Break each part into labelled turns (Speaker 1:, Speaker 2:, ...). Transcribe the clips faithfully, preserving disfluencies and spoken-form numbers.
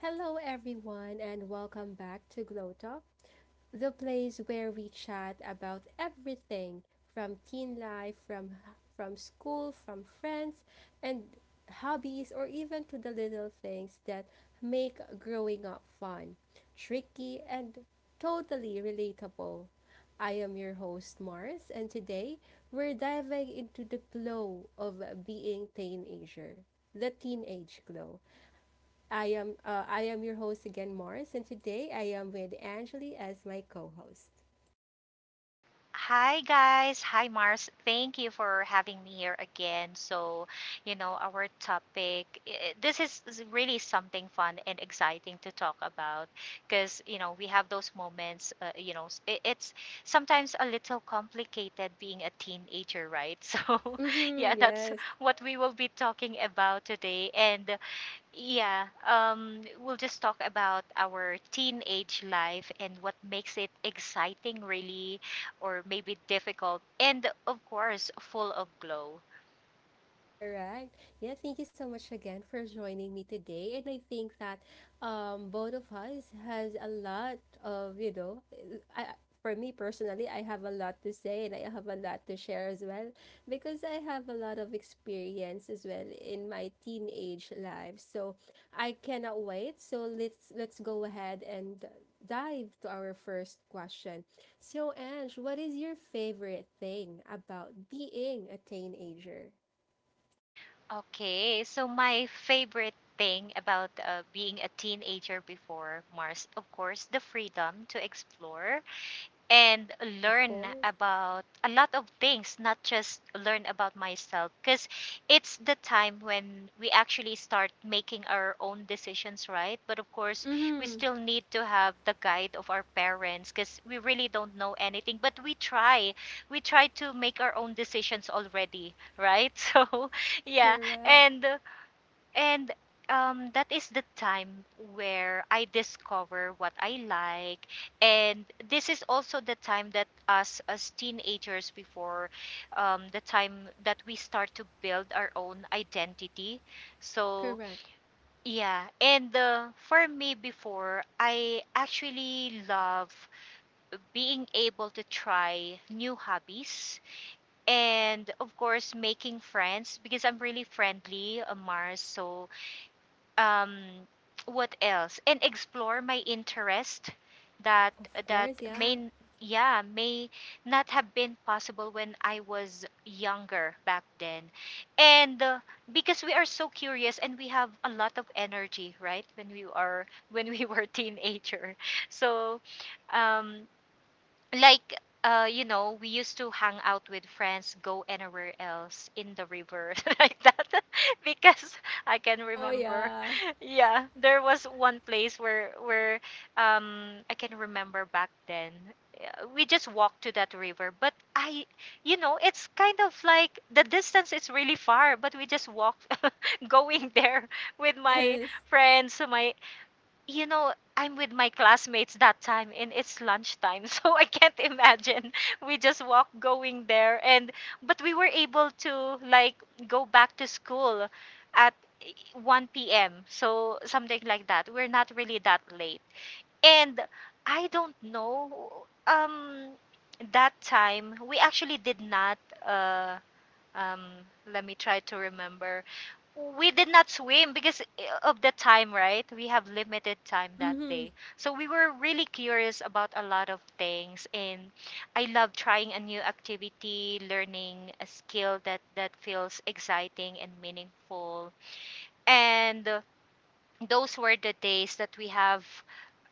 Speaker 1: Hello, everyone, and welcome back to Glow Talk, the place where we chat about everything from teen life, from from school, from friends, and hobbies, or even to the little things that make growing up fun, tricky, and totally relatable. I am your host, Mars, and today we're diving into the glow of being teenager, the teenage glow. I am uh, I am your host again, Morris, and today I am with Angeli as my co-host.
Speaker 2: Hi guys, hi Mars. Thank you for having me here again. So, you know, our topic i- this is is really something fun and exciting to talk about because, you know, we have those moments, uh, you know, s- i- it's sometimes a little complicated being a teenager, right? So, yeah,
Speaker 1: Mm-hmm,
Speaker 2: that's
Speaker 1: yes.
Speaker 2: what we will be talking about today. And yeah, um, we'll just talk about our teenage life and what makes it exciting, really, or maybe difficult, and of course, full of glow.
Speaker 1: Correct. Yeah, thank you so much again for joining me today. And I think that um both of us has a lot of, you know, I, I- for me personally, I have a lot to say and I have a lot to share as well because I have a lot of experience as well in my teenage life. So I cannot wait. So let's let's go ahead and dive to our first question. So Ange, what is your favorite thing about being a teenager?
Speaker 2: Okay, so my favorite thing about uh, being a teenager before Mars, of course, the freedom to explore and
Speaker 1: Of
Speaker 2: learn
Speaker 1: course.
Speaker 2: about a lot of things, not just learn about myself. Because it's the time when we actually start making our own decisions, right? But of course, we
Speaker 1: Mm-hmm.
Speaker 2: still need to have the guide of our parents because we really don't know anything. But we try, we try to make our own decisions already, right? So, yeah.
Speaker 1: Correct.
Speaker 2: And and um, that is the time where I discover what I like. And this is also the time that us as teenagers before, um, the time that we start to build our own identity. So,
Speaker 1: Correct.
Speaker 2: yeah. And uh, for me before, I actually love being able to try new hobbies and of course making friends because I'm really friendly, uh, Mars. So um what else, and explore my interest that
Speaker 1: Of
Speaker 2: that
Speaker 1: course, yeah.
Speaker 2: may yeah may not have been possible when I was younger back then, and uh, because we are so curious and we have a lot of energy, right, when we are when we were teenager. So um like uh you know, we used to hang out with friends, go anywhere else in the river like that. Because I can
Speaker 1: Oh,
Speaker 2: remember
Speaker 1: yeah.
Speaker 2: yeah, there was one place where where um I can remember back then, uh, we just walked to that river, but I you know, it's kind of like the distance is really far, but we just walked going there with my
Speaker 1: Yes.
Speaker 2: friends, my, you know, I'm with my classmates that time and it's lunchtime. So I can't imagine. We just walk going there. And but we were able to like go back to school at one p m. So something like that. We're not really that late. And I don't know, um that time we actually did not uh um let me try to remember, we did not swim because eh, of the time, right? We have limited time that
Speaker 1: Mm-hmm.
Speaker 2: day. So we were really curious about a lot of things, and I love trying a new activity, learning a skill that that feels exciting and meaningful. And those were the days that we have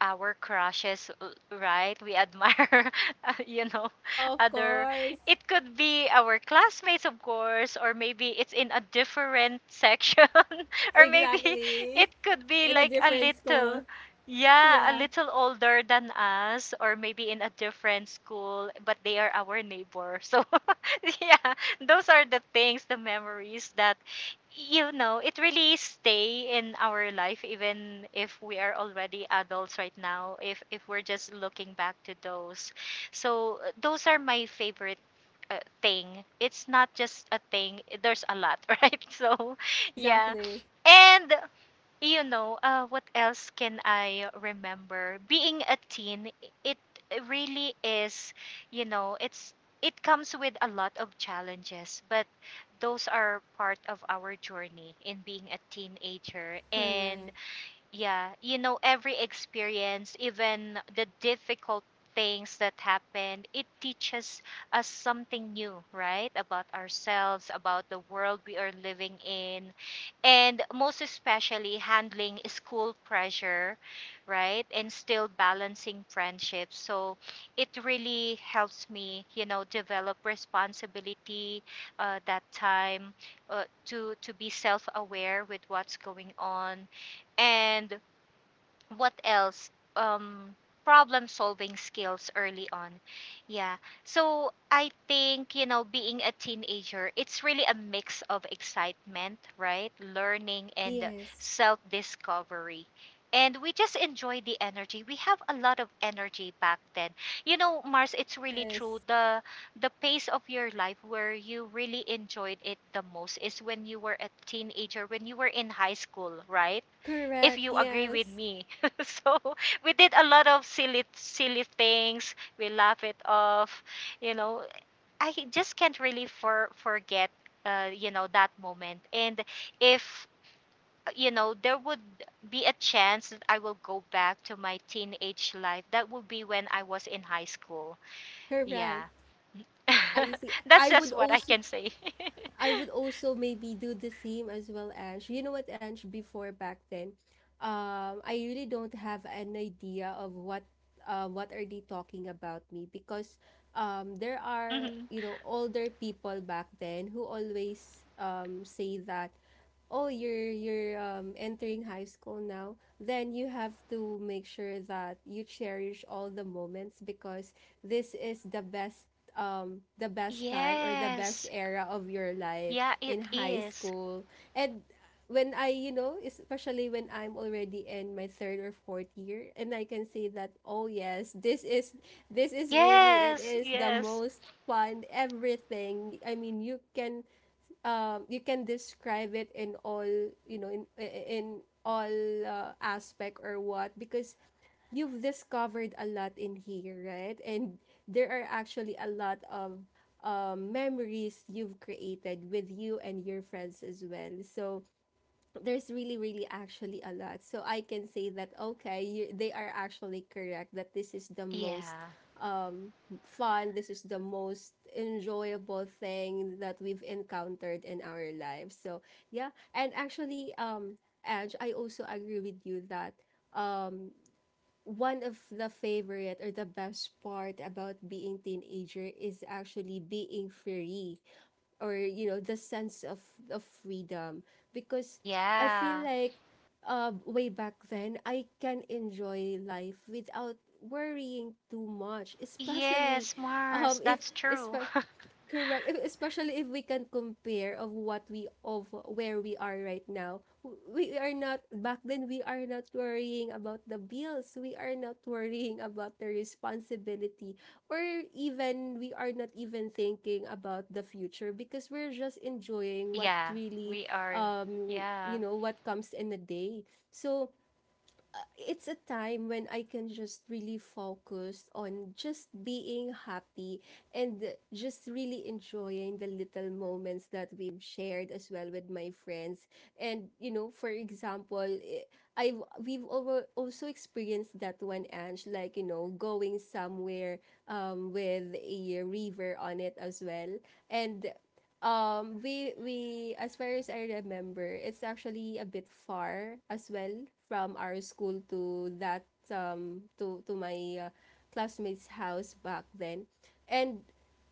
Speaker 2: our crushes, uh, right, we admire uh, you know,
Speaker 1: Of
Speaker 2: other,
Speaker 1: course.
Speaker 2: it could be our classmates of course, or maybe it's in a different section, or maybe
Speaker 1: Exactly.
Speaker 2: it could be
Speaker 1: In a
Speaker 2: like a
Speaker 1: different
Speaker 2: little,
Speaker 1: school.
Speaker 2: yeah a
Speaker 1: Yeah.
Speaker 2: little older than us, or maybe in a different school but they are our neighbor. So yeah, those are the things, the memories that, you know, it really stay in our life even if we are already adults right now, if if we're just looking back to those. So uh, those are my favorite uh, thing. It's not just a thing, there's a lot, right? So yeah.
Speaker 1: Exactly.
Speaker 2: And you know, uh, what else can I remember? Being a teen, it really is, you know, it's, it comes with a lot of challenges, but those are part of our journey in being a teenager. And
Speaker 1: Correct.
Speaker 2: yeah, you know, every experience, even the difficult things that happen, it teaches us something new, right? About ourselves, about the world we are living in, and most especially handling school pressure, right? And still balancing friendships. So it really helps me, you know, develop responsibility uh, that time, uh, to to be self-aware with what's going on. And what else? um problem solving skills early on. Yeah. So I think, you know, being a teenager, it's really a mix of excitement, right, learning and
Speaker 1: Yes.
Speaker 2: self discovery, and we just enjoy the energy. We have a lot of energy back then. You know, Mars, it's really true,
Speaker 1: Yes.
Speaker 2: the the pace of your life where you really enjoyed it the most is when you were a teenager, when you were in high school, right, if
Speaker 1: Correct.
Speaker 2: you agree with
Speaker 1: Yes.
Speaker 2: me. So we did a lot of silly silly things. We laugh it off. You know, I just can't really for forget uh, you know, that moment. And if, you know, there would be a chance that I will go back to my teenage life, that would be when I was in high school. Yeah.
Speaker 1: Correct. I see.
Speaker 2: That's
Speaker 1: I would
Speaker 2: just what I
Speaker 1: also
Speaker 2: can say.
Speaker 1: I would also maybe do the same as well, Ange. You know what, Ange, before back then? um, I really don't have an idea of what uh, what are they talking about me because um, there are,
Speaker 2: hmm
Speaker 1: you know, older people back then who always, um, say that, oh, you're you're um, entering high school now, then you have to make sure that you cherish all the moments because this is the best, um the best time or the best
Speaker 2: Yes.
Speaker 1: era of your life
Speaker 2: Yeah, it
Speaker 1: in high
Speaker 2: is.
Speaker 1: school. And when I, you know, especially when I'm already in my third or fourth year, and I can say that, oh yes, this is this is really, it
Speaker 2: Yes,
Speaker 1: is the
Speaker 2: yes.
Speaker 1: most fun everything. I mean, you can, um you can describe it in all, you know, in in all uh, aspect or what, because you've discovered a lot in here, right? And there are actually a lot of um, memories you've created with you and your friends as well. So there's really really actually a lot, so I can say that, okay, you, they are actually correct that this is the most,
Speaker 2: Yeah.
Speaker 1: um fun, this is the most enjoyable thing that we've encountered in our lives. So yeah, and actually, um edge I also agree with you that um one of the favorite or the best part about being teenager is actually being free, or, you know, the sense of of freedom, because I feel
Speaker 2: Yeah.
Speaker 1: like uh, way back then I can enjoy life without worrying too much, especially
Speaker 2: Yes,
Speaker 1: um
Speaker 2: Mars,
Speaker 1: if,
Speaker 2: that's true.
Speaker 1: correct. If- Especially if we can compare of what we, of where we are right now. W- We are not, back then we are not worrying about the bills. We are not worrying about the responsibility, or even we are not even thinking about the future, because we're just enjoying what
Speaker 2: yeah,
Speaker 1: really,
Speaker 2: we are.
Speaker 1: um
Speaker 2: Yeah.
Speaker 1: you know, what comes in a day. So uh, it's a time when I can just really focus on just being happy and just really enjoying the little moments that we've shared as well with my friends. And you know, for example, eh, I've we've over also experienced that one, Ange, like you know, going somewhere um with a river on it as well. And um, we we as far as I remember, it's actually a bit far as well from our school to that, um to to my uh, classmates' house back then, and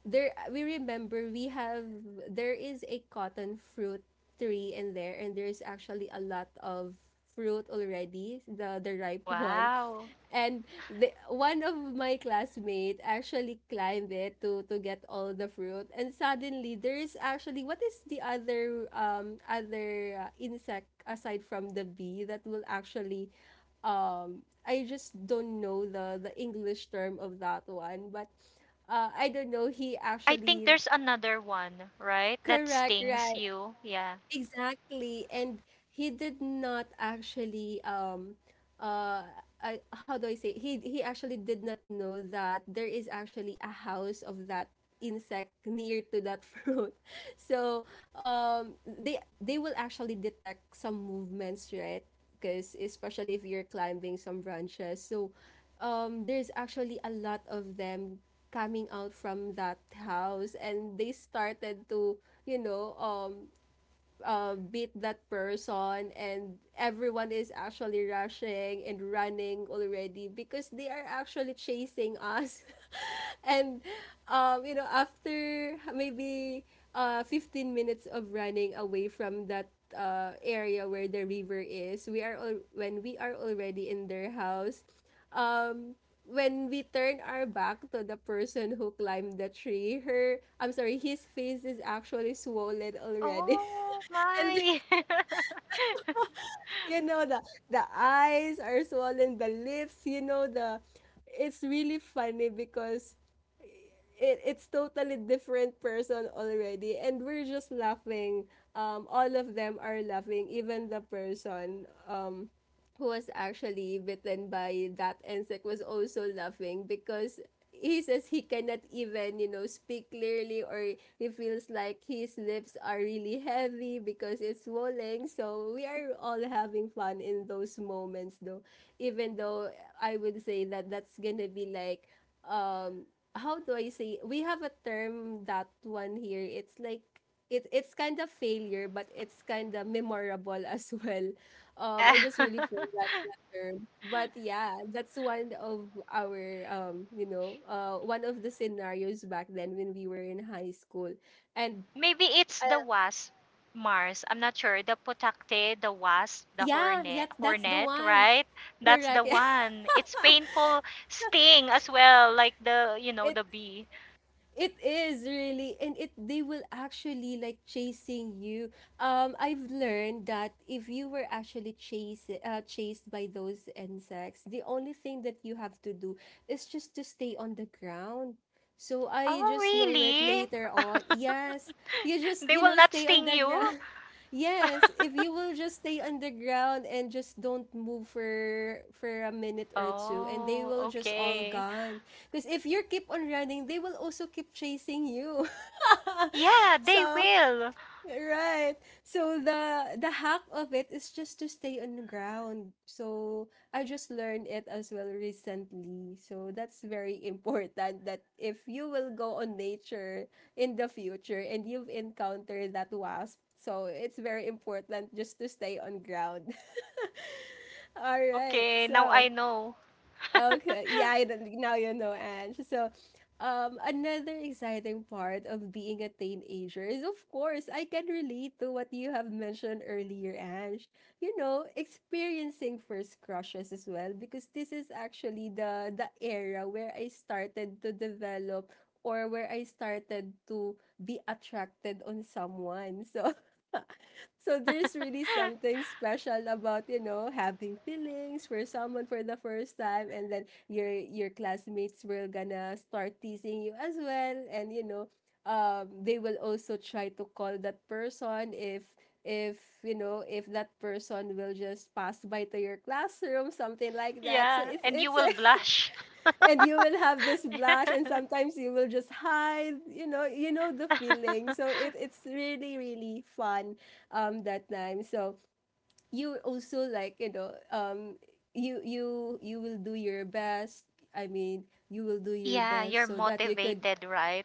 Speaker 1: there we remember we have, there is a cotton fruit tree in there, and there's actually a lot of fruit already, the the ripe one,
Speaker 2: Wow.
Speaker 1: and the, one of my classmate actually climbed it to to get all the fruit. And suddenly there is actually, what is the other, um other uh, insect aside from the bee that will actually, um I just don't know the the English term of that one, but uh I don't know, he
Speaker 2: I think
Speaker 1: actually,
Speaker 2: there's another one, right? That
Speaker 1: correct,
Speaker 2: stings
Speaker 1: right.
Speaker 2: you. Yeah.
Speaker 1: Exactly. And he did not actually, um uh I, how do I say, he he actually did not know that there is actually a house of that insect near to that fruit. So um they they will actually detect some movements, right? Because especially if you're climbing some branches. So um there's actually a lot of them coming out from that house, and they started to, you know, um uh, beat that person, and everyone is actually rushing and running already because they are actually chasing us and um, you know, after maybe uh, fifteen minutes of running away from that uh, area where the river is, we are al- when we are already in their house, um when we turn our back to the person who climbed the tree, her, I'm sorry, his face is actually swollen already.
Speaker 2: Oh
Speaker 1: And,
Speaker 2: my.
Speaker 1: you know, the the eyes are swollen, the lips, you know, the, it's really funny because it, it's totally different person already, and we're just laughing, um all of them are laughing, even the person um who was actually bitten by that insect was also laughing because he says he cannot even, you know, speak clearly, or he feels like his lips are really heavy because it's swollen. So we are all having fun in those moments, though, even though I would say that that's gonna be like, um how do I say, we have a term that one here. It's like it it's kind of failure, but it's kind of memorable as well. Um,
Speaker 2: yeah.
Speaker 1: I just really forgot that term, but yeah, that's one of our, um, you know, uh, one of the scenarios back then when we were in high school, and
Speaker 2: Maybe it's the
Speaker 1: uh,
Speaker 2: wasp, Mars. I'm not sure. The potakte, the wasp, the
Speaker 1: yeah,
Speaker 2: hornet,
Speaker 1: yeah, that's the
Speaker 2: hornet,
Speaker 1: one.
Speaker 2: right? That's the
Speaker 1: Correct. Yeah.
Speaker 2: one. It's painful sting as well, like the, you know,
Speaker 1: It
Speaker 2: the bee.
Speaker 1: It is really, and it they will actually like chasing you. Um, I've learned that if you were actually chased, uh, chased by those insects, the only thing that you have to do is just to stay on the ground. So I
Speaker 2: Oh,
Speaker 1: just know it
Speaker 2: really?
Speaker 1: later on. Yes, you just,
Speaker 2: They
Speaker 1: you
Speaker 2: will
Speaker 1: know,
Speaker 2: not
Speaker 1: stay on
Speaker 2: sting
Speaker 1: the ground.
Speaker 2: you?
Speaker 1: Yes, if you will just stay underground and just don't move for for a minute or two, and they
Speaker 2: Oh,
Speaker 1: will just all
Speaker 2: okay.
Speaker 1: gone. Because if you keep on running, they will also keep chasing you.
Speaker 2: Yeah, they
Speaker 1: So,
Speaker 2: will.
Speaker 1: right. So the the hack of it is just to stay on the ground. So I just learned it as well recently. So that's very important that if you will go on nature in the future and you've encountered that wasp, so it's very important just to stay on ground. All right.
Speaker 2: Okay, now
Speaker 1: So
Speaker 2: I know.
Speaker 1: okay, yeah, I don't, now you know, Ange. So, um, another exciting part of being a teenager is, of course, I can relate to what you have mentioned earlier, Ange. You know, experiencing first crushes as well, because this is actually the the era where I started to develop or where I started to be attracted on someone. So. So there's really something special about, you know, having feelings for someone for the first time, and then your your classmates will gonna start teasing you as well, and you know, um they will also try to call that person, if if you know, if that person will just pass by to your classroom, something like that. So
Speaker 2: Yeah,
Speaker 1: it's
Speaker 2: and you
Speaker 1: it's
Speaker 2: will blush.
Speaker 1: and you will have this blush, and sometimes you will just hide, you know, you know the feeling. So it, it's really really fun, um that time. So you also like, you know, um you you you will do your best, I mean, you will do your
Speaker 2: Yeah,
Speaker 1: best
Speaker 2: you're
Speaker 1: so that you could,
Speaker 2: motivated, right?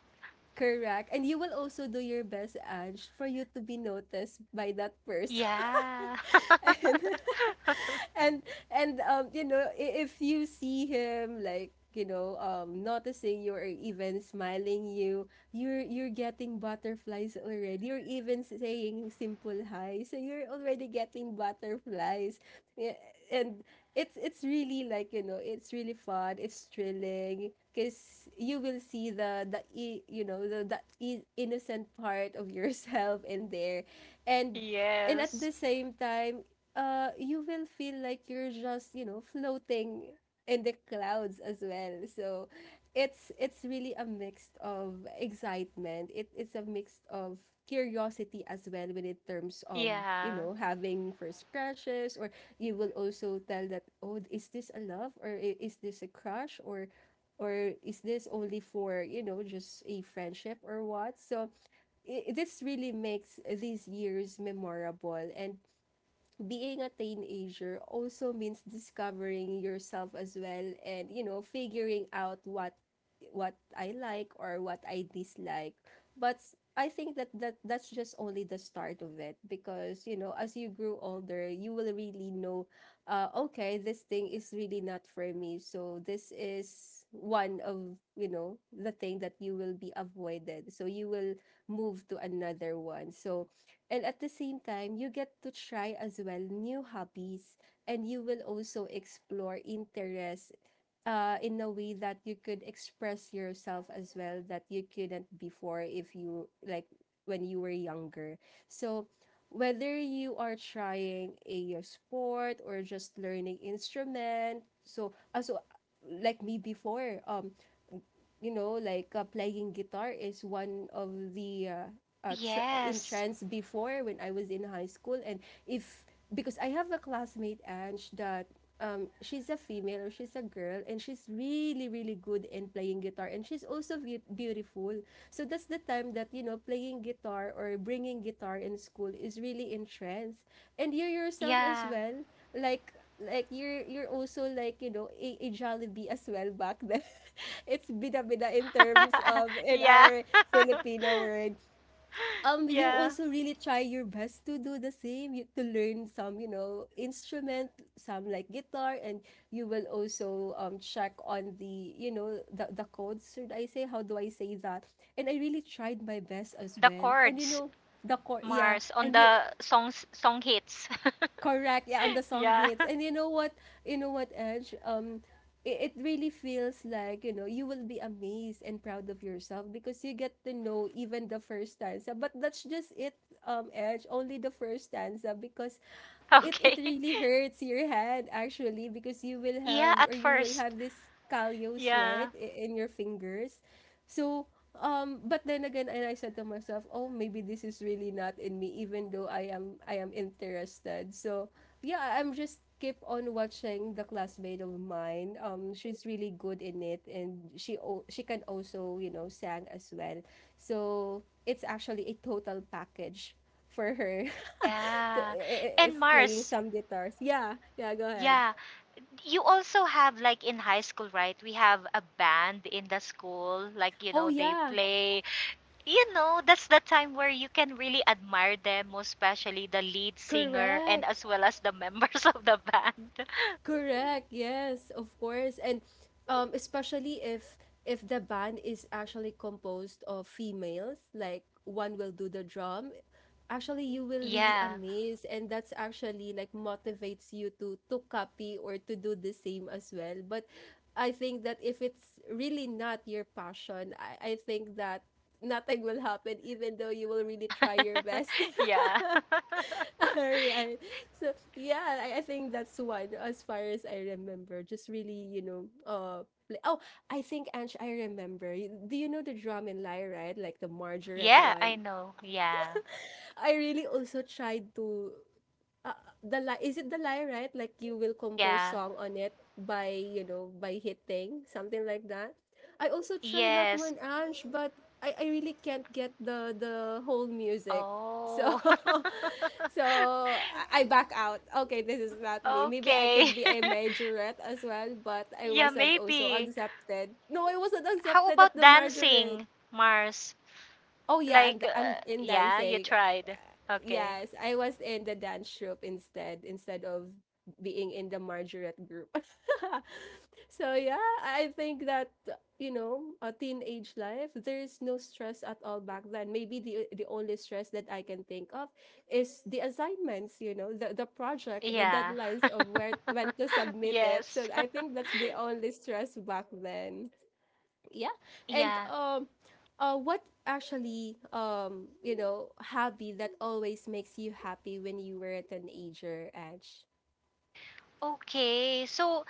Speaker 1: correct, and you will also do your best, Ange, for you to be noticed by that person.
Speaker 2: Yeah.
Speaker 1: and and and um you know, I- if you see him, like, you know, um noticing you or even smiling you, you're you're getting butterflies already, you're even saying simple hi, so you're already getting butterflies. Yeah, and it's it's really, like, you know, it's really fun, it's thrilling, because you will see the, the i- you know, the, the i- innocent part of yourself in there. and and at
Speaker 2: Yes.
Speaker 1: the same time, uh you will feel like you're just, you know, floating in the clouds as well. So it's it's really a mix of excitement, it, it's a mix of curiosity as well when in terms of, you
Speaker 2: Yeah.
Speaker 1: know, having first crushes, or you will also tell that, oh, is this a love, or i- is this a crush, or or is this only for, you know, just a friendship, or what? So I, this really makes these years memorable. And being a teenager also means discovering yourself as well, and you know, figuring out what what I like or what I dislike. But I think that, that that's just only the start of it because you know as you grew older you will really know. Uh, okay this thing is really not for me, so this is one of you know the thing that you will be avoided, so you will move to another one. So, and at the same time, you get to try as well new hobbies, and you will also explore interests uh, in a way that you could express yourself as well that you couldn't before, if you like, when you were younger. So whether you are trying a sport or just learning instrument, so also like me before, um you know, like uh, playing guitar is one of the uh,
Speaker 2: Oh,
Speaker 1: uh, tr- in
Speaker 2: yes.
Speaker 1: trends before when I was in high school. And if, because I have a classmate, Ange, that um, she's a female or she's a girl, and she's really, really good in playing guitar, and she's also be- beautiful. So that's the time that you know playing guitar or bringing guitar in school is really in trends. And you yourself as
Speaker 2: Yeah.
Speaker 1: well, like like you're you're also like you know a, a Jollibee as well back then. It's bida-bida in terms of in
Speaker 2: Yeah.
Speaker 1: our Filipino word. Um, you
Speaker 2: Yeah.
Speaker 1: also really try your best to do the same. You, to learn some you know instrument, some like guitar, and you will also um check on the you know the the codes. Should I say, how do I say that? And I really tried my best as
Speaker 2: The
Speaker 1: well. And you
Speaker 2: chords,
Speaker 1: know the chord, yeah,
Speaker 2: Mars, on
Speaker 1: and you
Speaker 2: the songs song hits.
Speaker 1: correct. Yeah, on the song
Speaker 2: Yeah.
Speaker 1: hits. And you know what? You know what, Edge? Um, it, it really feels like, you know, you will be amazed and proud of yourself because you get to know even the first stanza. But that's just it, um, Edge, only the first stanza because it, it
Speaker 2: Okay.
Speaker 1: really hurts your head actually, because you will
Speaker 2: Yeah,
Speaker 1: have, or
Speaker 2: at
Speaker 1: you will
Speaker 2: first.
Speaker 1: have this callus, right,
Speaker 2: Yeah.
Speaker 1: i- in your fingers. So, um, but then again, and I said to myself, oh, maybe this is really not in me, even though I am I am interested. So, yeah, I'm just keep on watching the classmate of mine. Um, she's really good in it, and she o- she can also you know sang as well. So it's actually a total package for her. To,
Speaker 2: Yeah.
Speaker 1: i- i- if
Speaker 2: And
Speaker 1: playing
Speaker 2: Mars,
Speaker 1: some guitars, yeah, yeah, go ahead.
Speaker 2: yeah. You also have like in high school, right? We have a band in the school. Like, you
Speaker 1: Oh
Speaker 2: know, they
Speaker 1: yeah,
Speaker 2: play. You know, that's the time where you can really admire them, most especially the lead singer and
Speaker 1: correct.
Speaker 2: as well as the members of the band.
Speaker 1: Correct. Yes, of course. And um especially if if the band is actually composed of females, like one will do the drum, actually you will really
Speaker 2: Yeah.
Speaker 1: amaze, and that's actually like motivates you to to copy or to do the same as well. But I think that if it's really not your passion, I, I think that nothing will happen even though you will really try your best.
Speaker 2: Yeah.
Speaker 1: All right. So yeah, I, I think that's one as far as I remember. Just really, you know, uh play. Oh, I think Ange, I remember. Y- Do you know the drum and lie, right? Like the Margaret
Speaker 2: Yeah, I
Speaker 1: one.
Speaker 2: know. Yeah.
Speaker 1: I really also tried to uh, the lie, is it the lie, right? Like you will compose
Speaker 2: Yeah.
Speaker 1: song on it by, you know, by hitting something like that. I also tried that
Speaker 2: Yes.
Speaker 1: one, Ange, but I, I really can't get the the whole music. So
Speaker 2: Oh.
Speaker 1: so I I back out. Okay, this is not me. Maybe I
Speaker 2: Okay.
Speaker 1: could be a majorette as well, but I
Speaker 2: Yeah,
Speaker 1: wasn't also
Speaker 2: maybe.
Speaker 1: accepted. No, I wasn't
Speaker 2: How
Speaker 1: accepted at
Speaker 2: about
Speaker 1: the majorette.
Speaker 2: dancing, Mars?
Speaker 1: Oh yeah,
Speaker 2: Like,
Speaker 1: and I'm
Speaker 2: uh,
Speaker 1: in
Speaker 2: yeah, you
Speaker 1: dancing.
Speaker 2: tried. Okay.
Speaker 1: Yes, I was in the dance troupe instead instead of being in the Margaret group. So yeah, I think that, you know, a teenage life, there's no stress at all back then. Maybe the the only stress that I can think of is the assignments, you know, the the project, the
Speaker 2: Yeah.
Speaker 1: deadlines of where when to submit it.
Speaker 2: Yes.
Speaker 1: So I think that's the only stress back then. Yeah, and
Speaker 2: Yeah.
Speaker 1: um uh what actually um you know hobby that always makes you happy when you were a teenager, Ange?
Speaker 2: Okay. So,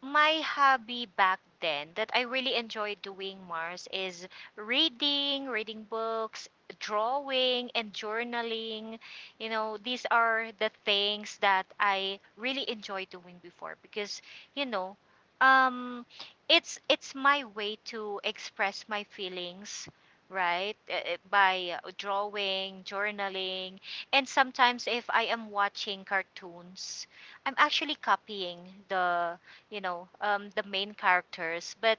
Speaker 2: my hobby back then that I really enjoy doing, Mars, is reading, reading books, drawing, and journaling. You know, these are the things that I really enjoy doing before because, you know, um, it's it's my way to express my feelings, right? Uh, uh, By uh, drawing, journaling, and sometimes if I am watching cartoons, I'm actually copying the, you know, um, the main characters, but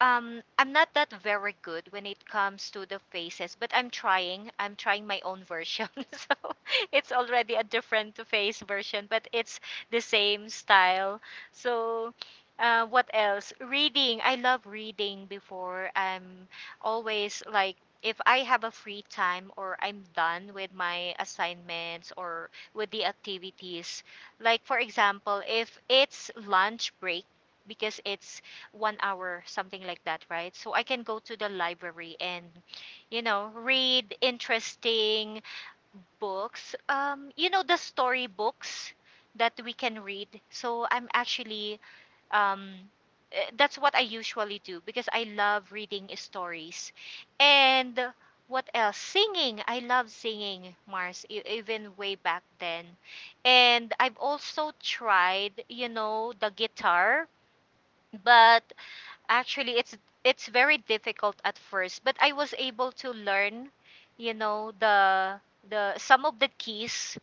Speaker 2: um I'm not that very good when it comes to the faces, but I'm trying. I'm trying my own version. So it's already a different face version, but it's the same style. So uh, what else? Reading. I love reading before. I'm always like, if I have a free time or I'm done with my assignments or with the activities, like for example, if it's lunch break because it's one hour, something like that, right? So I can go to the library and, you know, read interesting books. Um, you know, the story books that we can read. So I'm actually, um, eh, that's what I usually do because I love reading stories. And what else? Singing. I love singing, Mars, e- even way back then. And I've also tried, you know, the guitar, but actually it's it's very difficult at first, but I was able to learn, you know, the the some of the keys,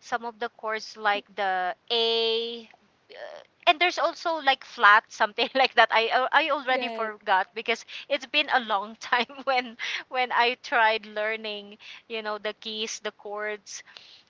Speaker 2: some of the chords, like the A, uh, and there's also like flat something like that. i al- I already
Speaker 1: Right.
Speaker 2: forgot because it's been a long time when when I tried learning, you know, the keys, the chords.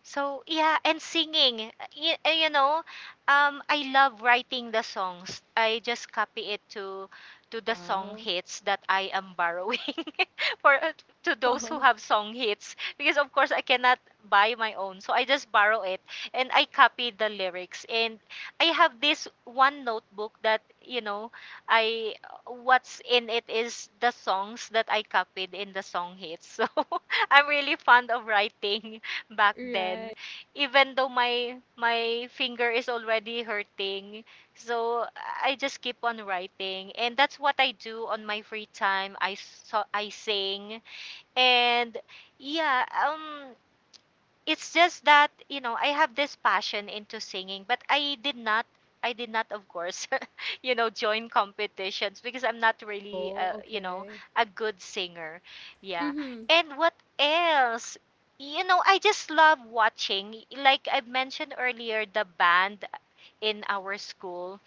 Speaker 2: So yeah. And singing, you, you know, um I love writing the songs. I just copy it to to the song
Speaker 1: Wow.
Speaker 2: hits that I am borrowing for, to those who
Speaker 1: Oh,
Speaker 2: have song hits, because of course I cannot buy my own, so I just borrow it and I copy the lyrics. And I have this one notebook that, you know, I, what's in it is the songs that I copied in the song hits. So I'm really fond of writing back then,
Speaker 1: right.
Speaker 2: even though my my finger is already hurting. So I just keep on writing, and that's what I do on my free time. I, so I sing. And yeah, um it's just that, you know, I have this passion into singing, but I did not, I did not of course, you know, join competitions because I'm not really
Speaker 1: Oh,
Speaker 2: uh, you know,
Speaker 1: okay.
Speaker 2: a good singer. Yeah.
Speaker 1: Mm-hmm.
Speaker 2: And what else? You know, I just love watching, like I mentioned earlier, the band in our school.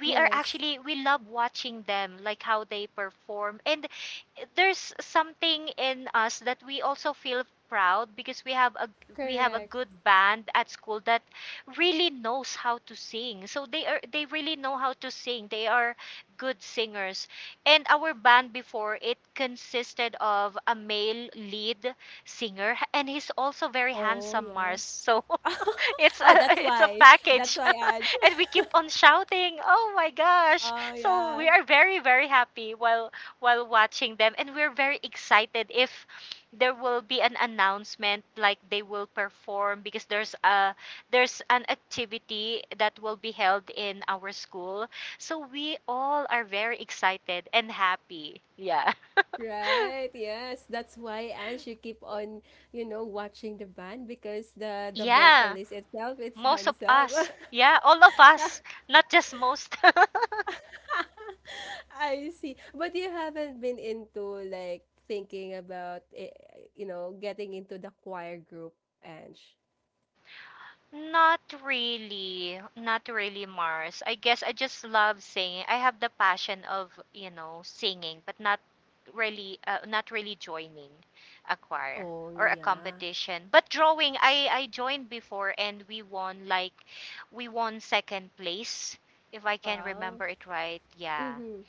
Speaker 2: we are
Speaker 1: Yes.
Speaker 2: actually we love watching them, like how they perform, and there's something in us that we also feel proud because we have a we have a
Speaker 1: Correct.
Speaker 2: good band at school that really knows how to sing. So they are they really know how to sing. They are good singers. And our band before, it consisted of a male lead singer, and he's also very
Speaker 1: Oh
Speaker 2: handsome,
Speaker 1: yeah.
Speaker 2: Mars. So it's a
Speaker 1: Oh, that's
Speaker 2: it's a
Speaker 1: why, that's
Speaker 2: package.
Speaker 1: why, Ange.
Speaker 2: And we keep on shouting, "Oh my gosh!"
Speaker 1: Oh
Speaker 2: So
Speaker 1: yeah.
Speaker 2: we are very, very happy while while watching them, and we're very excited if there will be an announcement like they will perform because there's a there's an activity that will be held in our school. So we all are very excited and happy, yeah.
Speaker 1: Right, yes. That's why, Ange, you keep on, you know, watching the band, because the the
Speaker 2: Yeah,
Speaker 1: vocalist itself, it's
Speaker 2: most of
Speaker 1: handsome.
Speaker 2: us. Yeah, all of us, not just most.
Speaker 1: I see. But you haven't been into like thinking about eh, you know, getting into the choir group, Ange.
Speaker 2: Not really. Not really, Mars. I guess I just love singing. I have the passion of, you know, singing, but not really uh, not really joining a choir
Speaker 1: Oh
Speaker 2: or a
Speaker 1: yeah.
Speaker 2: competition. But drawing, I I joined before, and we won, like, we won second place, if I can
Speaker 1: Wow.
Speaker 2: remember it right. Yeah.
Speaker 1: Mm-hmm.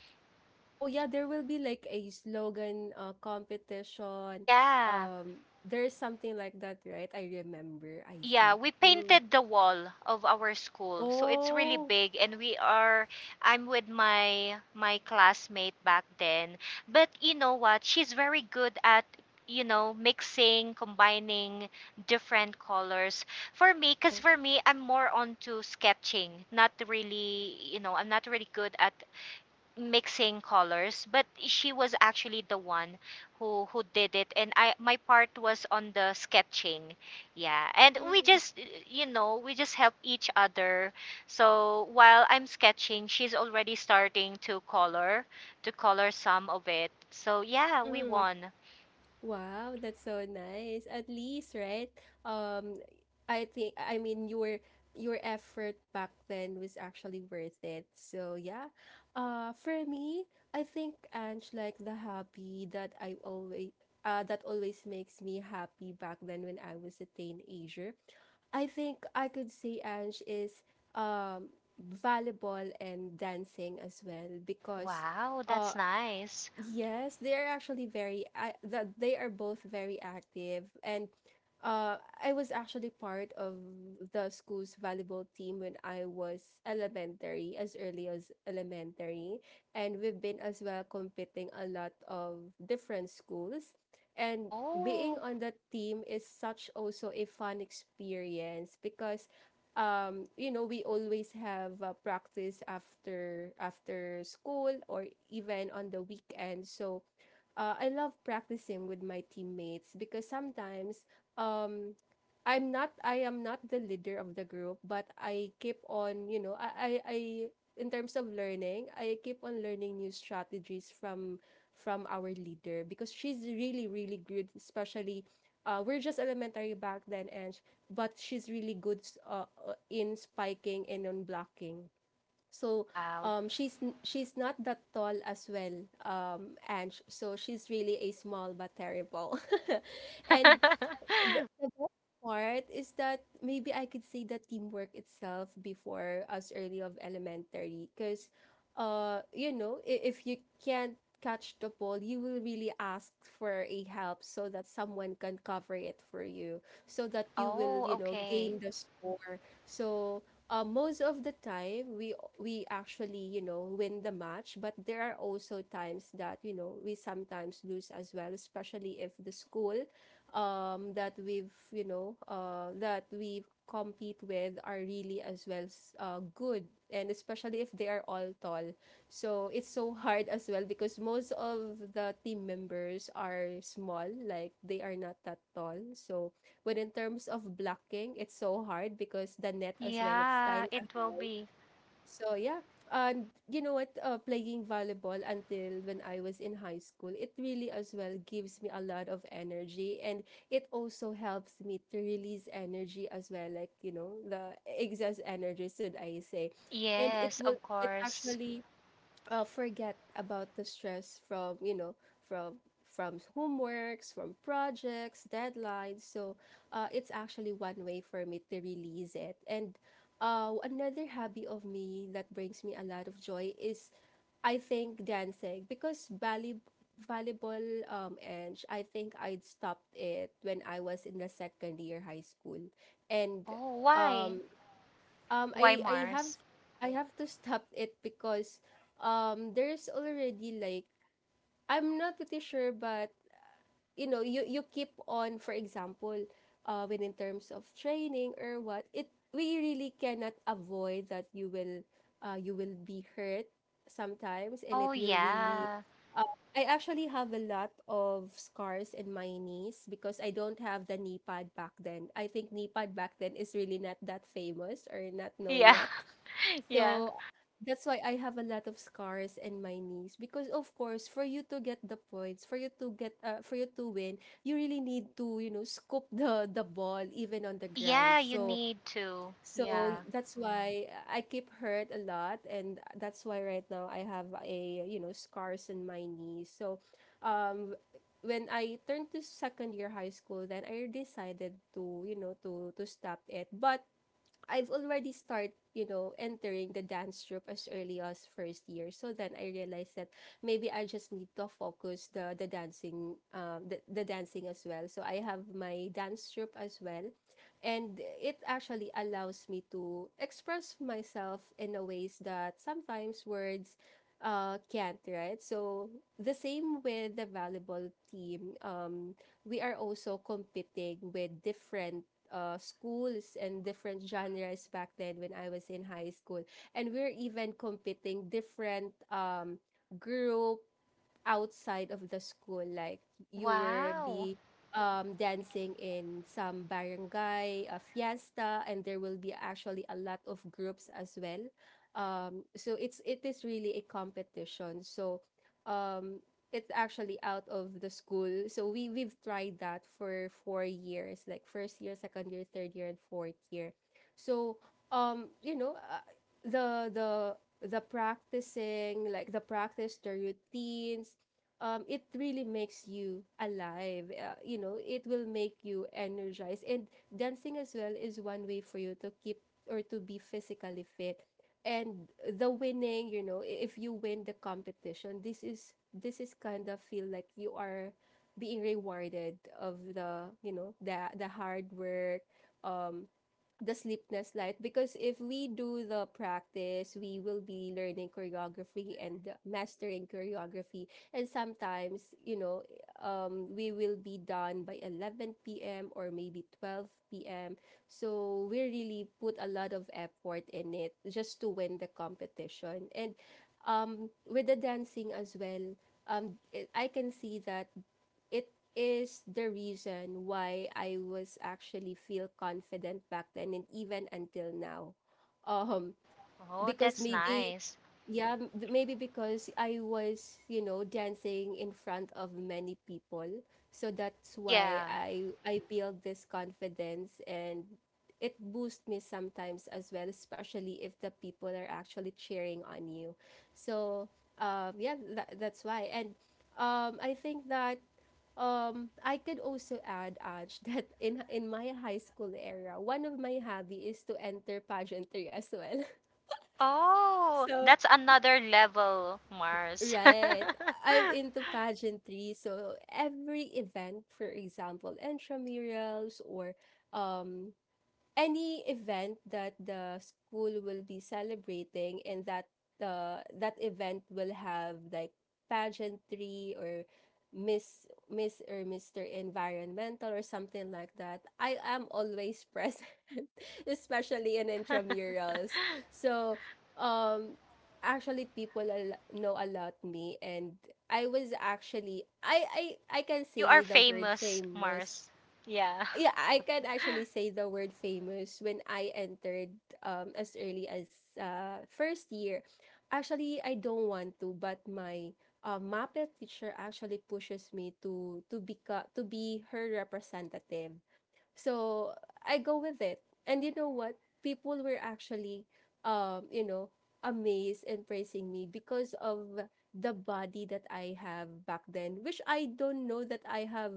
Speaker 1: Oh yeah, there will be like a slogan uh, competition.
Speaker 2: Yeah.
Speaker 1: Um, there's something like that, right? I remember. I
Speaker 2: Yeah,
Speaker 1: see.
Speaker 2: we
Speaker 1: Mm.
Speaker 2: painted the wall of our school. So it's really
Speaker 1: Oh.
Speaker 2: big, and we are I'm with my my classmate back then. But you know what? She's very good at, you know mixing, combining different colors. For me, because
Speaker 1: Oh.
Speaker 2: for me, I'm more onto sketching, not really, you know I'm not really good at mixing colors. But she was actually the one who who did it, and I, my part was on the sketching. Yeah, and we
Speaker 1: Mm.
Speaker 2: just, you know we just help each other. So while I'm sketching, she's already starting to color to color some of it. So yeah, we
Speaker 1: Mm-hmm.
Speaker 2: won.
Speaker 1: Wow, that's so nice. At least, right? Um, I think, I mean your your effort back then was actually worth it. So yeah. Uh, for me, I think, Ange, like the hobby that I always uh that always makes me happy back then when I was a teenager. I think I could say, Ange, is um volleyball and dancing as well, because
Speaker 2: Wow,
Speaker 1: uh
Speaker 2: that's nice.
Speaker 1: yes, they are actually very uh, the, they are both very active, and uh I was actually part of the school's volleyball team when I was elementary, as early as elementary, and we've been as well competing a lot of different schools. And being
Speaker 2: Oh,
Speaker 1: on that team is such also a fun experience, because um, you know, we always have uh, practice after after school or even on the weekend. So uh, I love practicing with my teammates because sometimes um I'm not I am not the leader of the group, but I keep on, you know, I I, I in terms of learning, I keep on learning new strategies from from our leader, because she's really really good, especially uh, we're just elementary back then, and sh- but she's really good s- uh, uh, in spiking and on blocking. So
Speaker 2: wow.
Speaker 1: um, she's n- she's not that tall as well, um, and sh- so she's really a small but terrible. And part is that maybe I could say that teamwork itself before as early of elementary, because uh you know, i- if you can't catch the ball, you will really ask for a help so that someone can cover it for you, so that you will,
Speaker 2: Oh,
Speaker 1: you know,
Speaker 2: okay.
Speaker 1: gain the score. So uh, most of the time, we we actually, you know, win the match, but there are also times that, you know, we sometimes lose as well, especially if the school um, that we've, you know, uh, that we compete with are really as well uh, good. And especially if they are all tall. So it's so hard as well because most of the team members are small, like they are not that tall. So when in terms of blocking, it's so hard because the net as well, it's
Speaker 2: Yeah,
Speaker 1: kind.
Speaker 2: it will be.
Speaker 1: So yeah, and you know what? Uh, playing volleyball until when I was in high school, it really as well gives me a lot of energy, and it also helps me to release energy as well, like you know the excess energy, should I say, and it
Speaker 2: Yes,
Speaker 1: will,
Speaker 2: of
Speaker 1: it
Speaker 2: course.
Speaker 1: actually uh, forget about the stress from, you know, from from homeworks, from projects, deadlines. So uh, it's actually one way for me to release it. And uh, another hobby of me that brings me a lot of joy is, I think, dancing, because ballet, volleyball, um and I think I'd stopped it when I was in the second year high school. And
Speaker 2: Oh, why?
Speaker 1: um, um
Speaker 2: Why,
Speaker 1: I I have,
Speaker 2: Mars?
Speaker 1: I have to stop it because um there's already like, I'm not pretty sure, but you know, you you keep on, for example, uh when in terms of training or what, it we really cannot avoid that you will uh you will be hurt sometimes, and it
Speaker 2: Oh,
Speaker 1: will really
Speaker 2: yeah.
Speaker 1: uh, I actually have a lot of scars in my knees because I don't have the knee pad back then. I think knee pad back then is really not that famous or not known
Speaker 2: Yeah.
Speaker 1: yet.
Speaker 2: Yeah.
Speaker 1: So that's why I have a lot of scars in my knees, because of course for you to get the points, for you to get uh, for you to win, you really need to, you know, scoop the the ball even on the ground.
Speaker 2: Yeah, you
Speaker 1: So
Speaker 2: need to.
Speaker 1: so
Speaker 2: Yeah.
Speaker 1: that's why I keep hurt a lot, and that's why right now I have a, you know, scars in my knees. So um when I turned to second year high school, then I decided to, you know, to to stop it. But I've already start, you know, entering the dance troupe as early as first year. So then I realized that maybe I just need to focus the the dancing um the, the dancing as well. So I have my dance troupe as well. And it actually allows me to express myself in a ways that sometimes words uh can't, right? So the same with the volleyball team. Um we are also competing with different uh, schools and different genres back then when I was in high school. And we're even competing different um, group outside of the school like you were
Speaker 2: Wow.
Speaker 1: be um dancing in some barangay a fiesta, and there will be actually a lot of groups as well. Um so it's it is really a competition. So um it's actually out of the school, so we we've tried that for four years, like first year, second year, third year, and fourth year. So um you know uh, the the the practicing, like the practice, the routines, um, it really makes you alive. Uh, you know, it will make you energized. And dancing as well is one way for you to keep or to be physically fit. And the winning, you know, i- if you win the competition, this is this is kind of feel like you are being rewarded of the, you know, the the hard work, um, the sleepless light. Because if we do the practice, we will be learning choreography and mastering choreography. And sometimes, you know, um we will be done by eleven p.m. or maybe twelve p.m. So we really put a lot of effort in it just to win the competition. And um with the dancing as well, um I can see that it is the reason why I was actually feel confident back then and even until now. Um,
Speaker 2: Oh,
Speaker 1: because
Speaker 2: that's
Speaker 1: maybe,
Speaker 2: nice.
Speaker 1: yeah, m- maybe because I was, you know, dancing in front of many people. So that's why
Speaker 2: Yeah.
Speaker 1: I I build this confidence, and it boosts me sometimes as well, especially if the people are actually cheering on you. So um yeah, that, that's why. And um I think that, um, I could also add, Aj, that in in my high school era, one of my hobby is to enter pageantry as well.
Speaker 2: Oh,
Speaker 1: So,
Speaker 2: that's another level, Mars.
Speaker 1: right, I'm into pageantry. So every event, for example, intramurals or um any event that the school will be celebrating, and that uh, that event will have like pageantry or miss miss or mr environmental or something like that, I am always present. Especially in intramurals. So um actually people al- know a lot me. And I was actually i i i can
Speaker 2: You are
Speaker 1: say the word
Speaker 2: famous,
Speaker 1: famous.
Speaker 2: Mars. Yeah.
Speaker 1: Yeah, I can actually say the word famous when I entered um as early as uh first year. Actually, I don't want to, but my uh, M A P E teacher actually pushes me to to become to be her representative. So I go with it. And you know what? People were actually, um, you know, amazed and praising me because of the body that I have back then, which I don't know that I have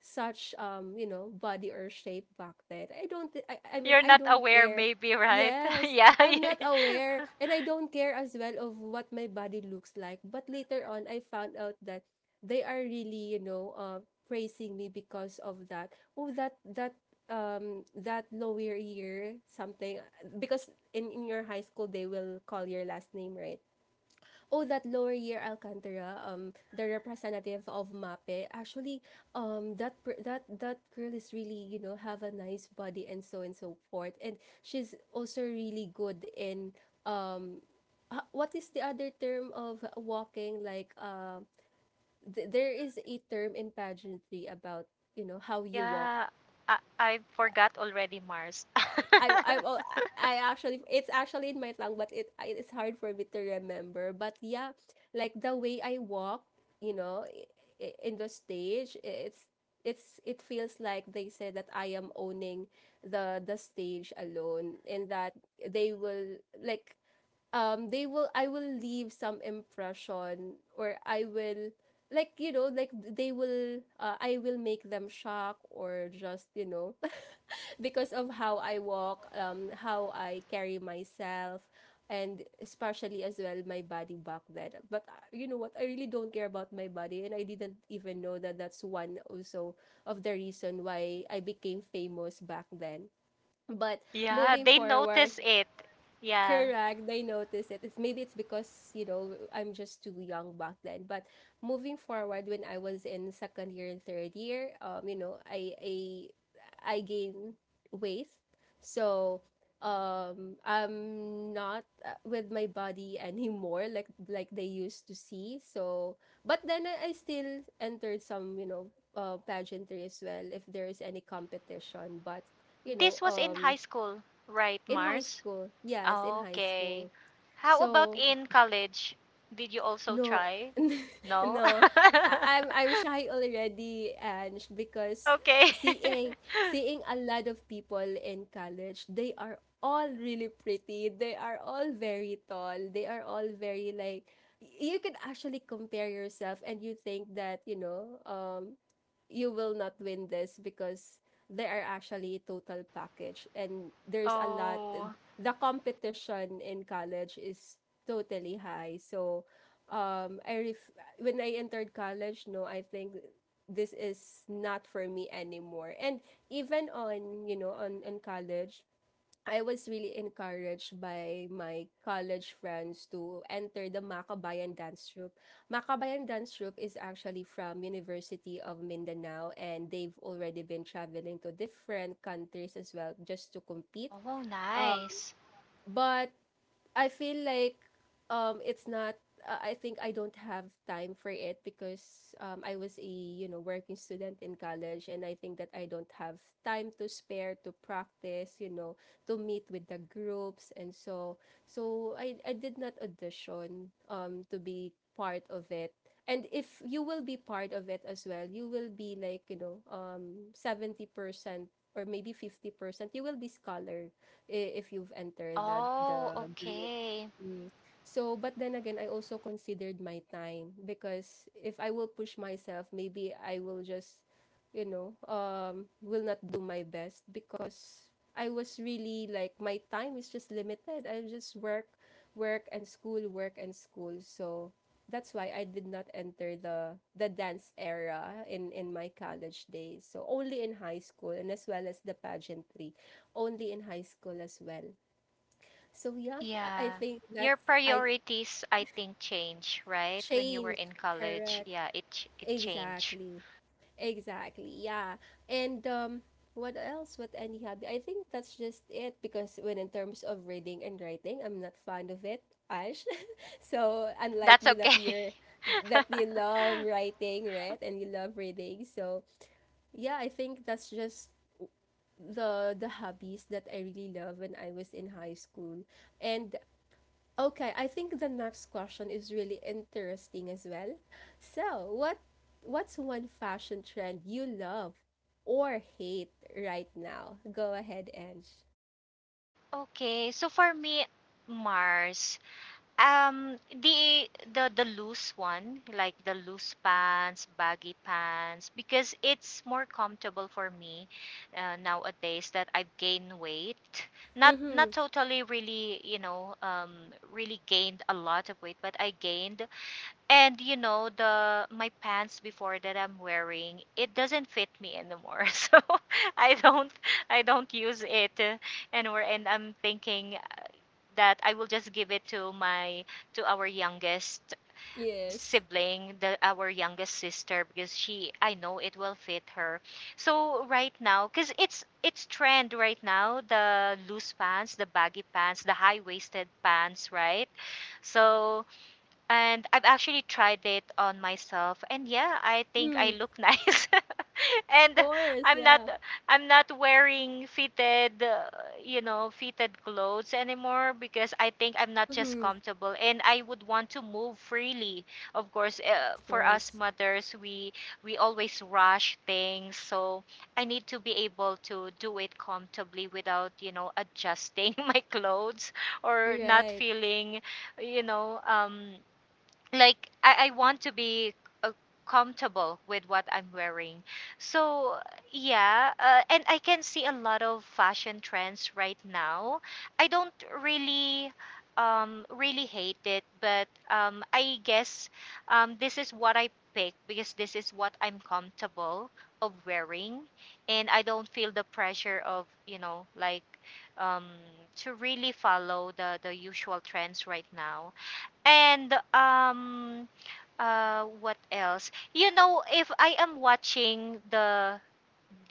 Speaker 1: such, um, you know, body or shape back then. I don't thi- I, I mean,
Speaker 2: You're
Speaker 1: I
Speaker 2: not
Speaker 1: don't
Speaker 2: aware,
Speaker 1: care.
Speaker 2: maybe, right?
Speaker 1: Yes.
Speaker 2: yeah.
Speaker 1: I'm not aware and I don't care as well of what my body looks like. But later on I found out that they are really, you know, uh praising me because of that. Oh, that that, um that lower year something, because in in your high school they will call your last name, right? Oh, that lower year Alcantara. Um the representative of MAPE, actually, um that per- that, that girl is really, you know, have a nice body, and so and so forth. And she's also really good in, um ha- what is the other term of walking, like, uh, th- there is a term in pageantry about, you know, how you walk.
Speaker 2: yeah. I, I forgot already, Mars.
Speaker 1: I I well, I actually, it's actually in my tongue, but it I- it's hard for me to remember. But yeah, like the way I walk, you know, i- i- in the stage, it's it's, it feels like they said that I am owning the the stage alone, and that they will like, um they will, I will leave some impression, or I will, like, you know, like they will, uh, I will make them shocked or just, you know. Because of how I walk, um how I carry myself, and especially as well my body back then. But uh, you know what, I really don't care about my body, and I didn't even know that that's one also of the reason why I became famous back then. But
Speaker 2: Yeah,
Speaker 1: moving
Speaker 2: they
Speaker 1: forward,
Speaker 2: notice it. Yeah.
Speaker 1: correct. They notice it. It's maybe it's because, you know, I'm just too young back then. But moving forward, when I was in second year and third year, um, you know, I I I gain weight. So um I'm not uh, with my body anymore like like they used to see. So but then I, I still entered some, you know, uh pageantry as well if there is any competition. But, you
Speaker 2: This
Speaker 1: know,
Speaker 2: was in high
Speaker 1: um
Speaker 2: school, right,
Speaker 1: in high
Speaker 2: Mars?
Speaker 1: school, yes, in high
Speaker 2: Okay.
Speaker 1: school.
Speaker 2: How about
Speaker 1: So,
Speaker 2: in college? Did you also
Speaker 1: no,
Speaker 2: try? No?
Speaker 1: no, I- I'm I'm shy already. And because
Speaker 2: Okay.
Speaker 1: seeing seeing a lot of people in college, they are all really pretty. They are all very tall. They are all very like, y- you can actually compare yourself, and you think that, you know, um you will not win this because they are actually total package, and there's a lot.
Speaker 2: Oh.
Speaker 1: The competition in college is totally high. So um i ref- when I entered college, no, I think this is not for me anymore. And even on, you know, on in college, I was really encouraged by my college friends to enter the Makabayan dance troupe. Makabayan dance troupe is actually from University of Mindanao, and they've already been traveling to different countries as well just to compete.
Speaker 2: Oh,
Speaker 1: Um,
Speaker 2: nice.
Speaker 1: but I feel like um it's not, uh, I think I don't have time for it because um I was a, you know, working student in college, and I think that I don't have time to spare to practice, you know, to meet with the groups and so. So I I did not audition um to be part of it. And if you will be part of it as well, you will be like, you know, um seventy percent or maybe fifty percent, you will be scholar, i- if you've entered the
Speaker 2: Oh,
Speaker 1: the group.
Speaker 2: okay.
Speaker 1: Mm. So, but then again, I also considered my time, because if I will push myself, maybe I will just, you know, um, will not do my best, because I was really like, my time is just limited. I just work, work and school, work and school. So that's why I did not enter the the dance era in in my college days. So only in high school, and as well as the pageantry, only in high school as well. So yeah, I I
Speaker 2: Yeah.
Speaker 1: think
Speaker 2: Your
Speaker 1: that's I
Speaker 2: priorities, I think, change, right? When you were
Speaker 1: change.
Speaker 2: in college,
Speaker 1: Correct.
Speaker 2: yeah, it ch- it changed.
Speaker 1: Exactly. Exactly. Yeah. And um what else? What any hobby? I think that's just it, because when in terms of reading and writing, I'm not fond of it, Ash. So unlike
Speaker 2: That's
Speaker 1: you that
Speaker 2: okay.
Speaker 1: you're that you love writing, right? And you love reading. So yeah, I think that's just the the hobbies that I really love when I was in high school. And okay, I think the next question is really interesting as well. So, what what's one fashion trend you love or hate right now? Go ahead, Ange.
Speaker 2: Okay, so for me, Mars, um, the the the loose one, like the loose pants, baggy pants, because it's more comfortable for me uh, nowadays that I've gained weight. Not
Speaker 1: Mm-hmm.
Speaker 2: not totally really, you know, um, really gained a lot of weight, but I gained. And you know, the my pants before that I'm wearing, it doesn't fit me anymore. So I don't I don't use it uh, anymore, and I'm thinking that I will just give it to my to our youngest
Speaker 1: Yes.
Speaker 2: sibling, the our youngest sister, because she, I know it will fit her. So right now, cuz it's it's trend right now, the loose pants, the baggy pants, the high-waisted pants, right? So and I've actually tried it on myself, and yeah, I think I
Speaker 1: Mm-hmm.
Speaker 2: look nice.
Speaker 1: Of
Speaker 2: And
Speaker 1: course,
Speaker 2: I'm not
Speaker 1: yeah.
Speaker 2: I'm not wearing fitted, uh, you know, fitted clothes anymore because I think I'm not just
Speaker 1: Mm-hmm.
Speaker 2: comfortable and I would want to move freely. Of course, uh,
Speaker 1: Of
Speaker 2: for us
Speaker 1: course.
Speaker 2: mothers, we we always rush things. So I need to be able to do it comfortably without, you know, adjusting my clothes or not
Speaker 1: Right.
Speaker 2: feeling, you know, um like I, I want to be uh, comfortable with what I'm wearing. So yeah, uh, and I can see a lot of fashion trends right now. I don't really um really hate it, but um, I guess um, this is what I pick because this is what I'm comfortable of wearing, and I don't feel the pressure of, you know, like um to really follow the the usual trends right now. And um uh what else? You know, if I am watching the